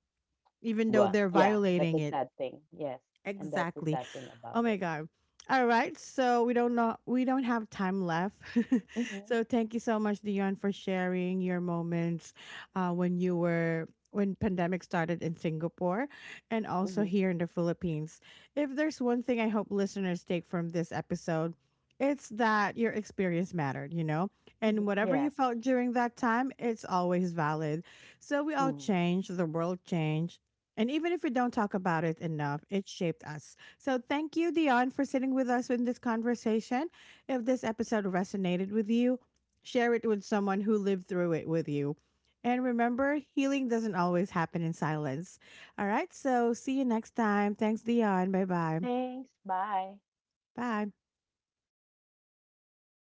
A: even though
B: But
A: they're
B: yeah, that's
A: violating
B: a
A: it.
B: sad thing. Yes, and that's the
A: Exactly.
B: sad thing
A: Oh
B: about
A: my
B: it.
A: god. All right, so we don't have time left. <laughs>
B: Mm-hmm.
A: So thank you so much, Dion, for sharing your moments when you were when pandemic started in Singapore and also
B: Mm-hmm.
A: here in the Philippines. If there's one thing I hope listeners take from this episode, it's that your experience mattered, you know?
B: Mm-hmm.
A: And whatever
B: Yes.
A: you felt during that time, it's always valid. So we all
B: Mm-hmm.
A: change, the world changed. And even if we don't talk about it enough, it shaped us. So, thank you, Dion, for sitting with us in this conversation. If this episode resonated with you, share it with someone who lived through it with you. And remember, healing doesn't always happen in silence. All right, so see you next time. Thanks, Dion. Bye-bye.
B: Thanks. Bye.
A: Bye.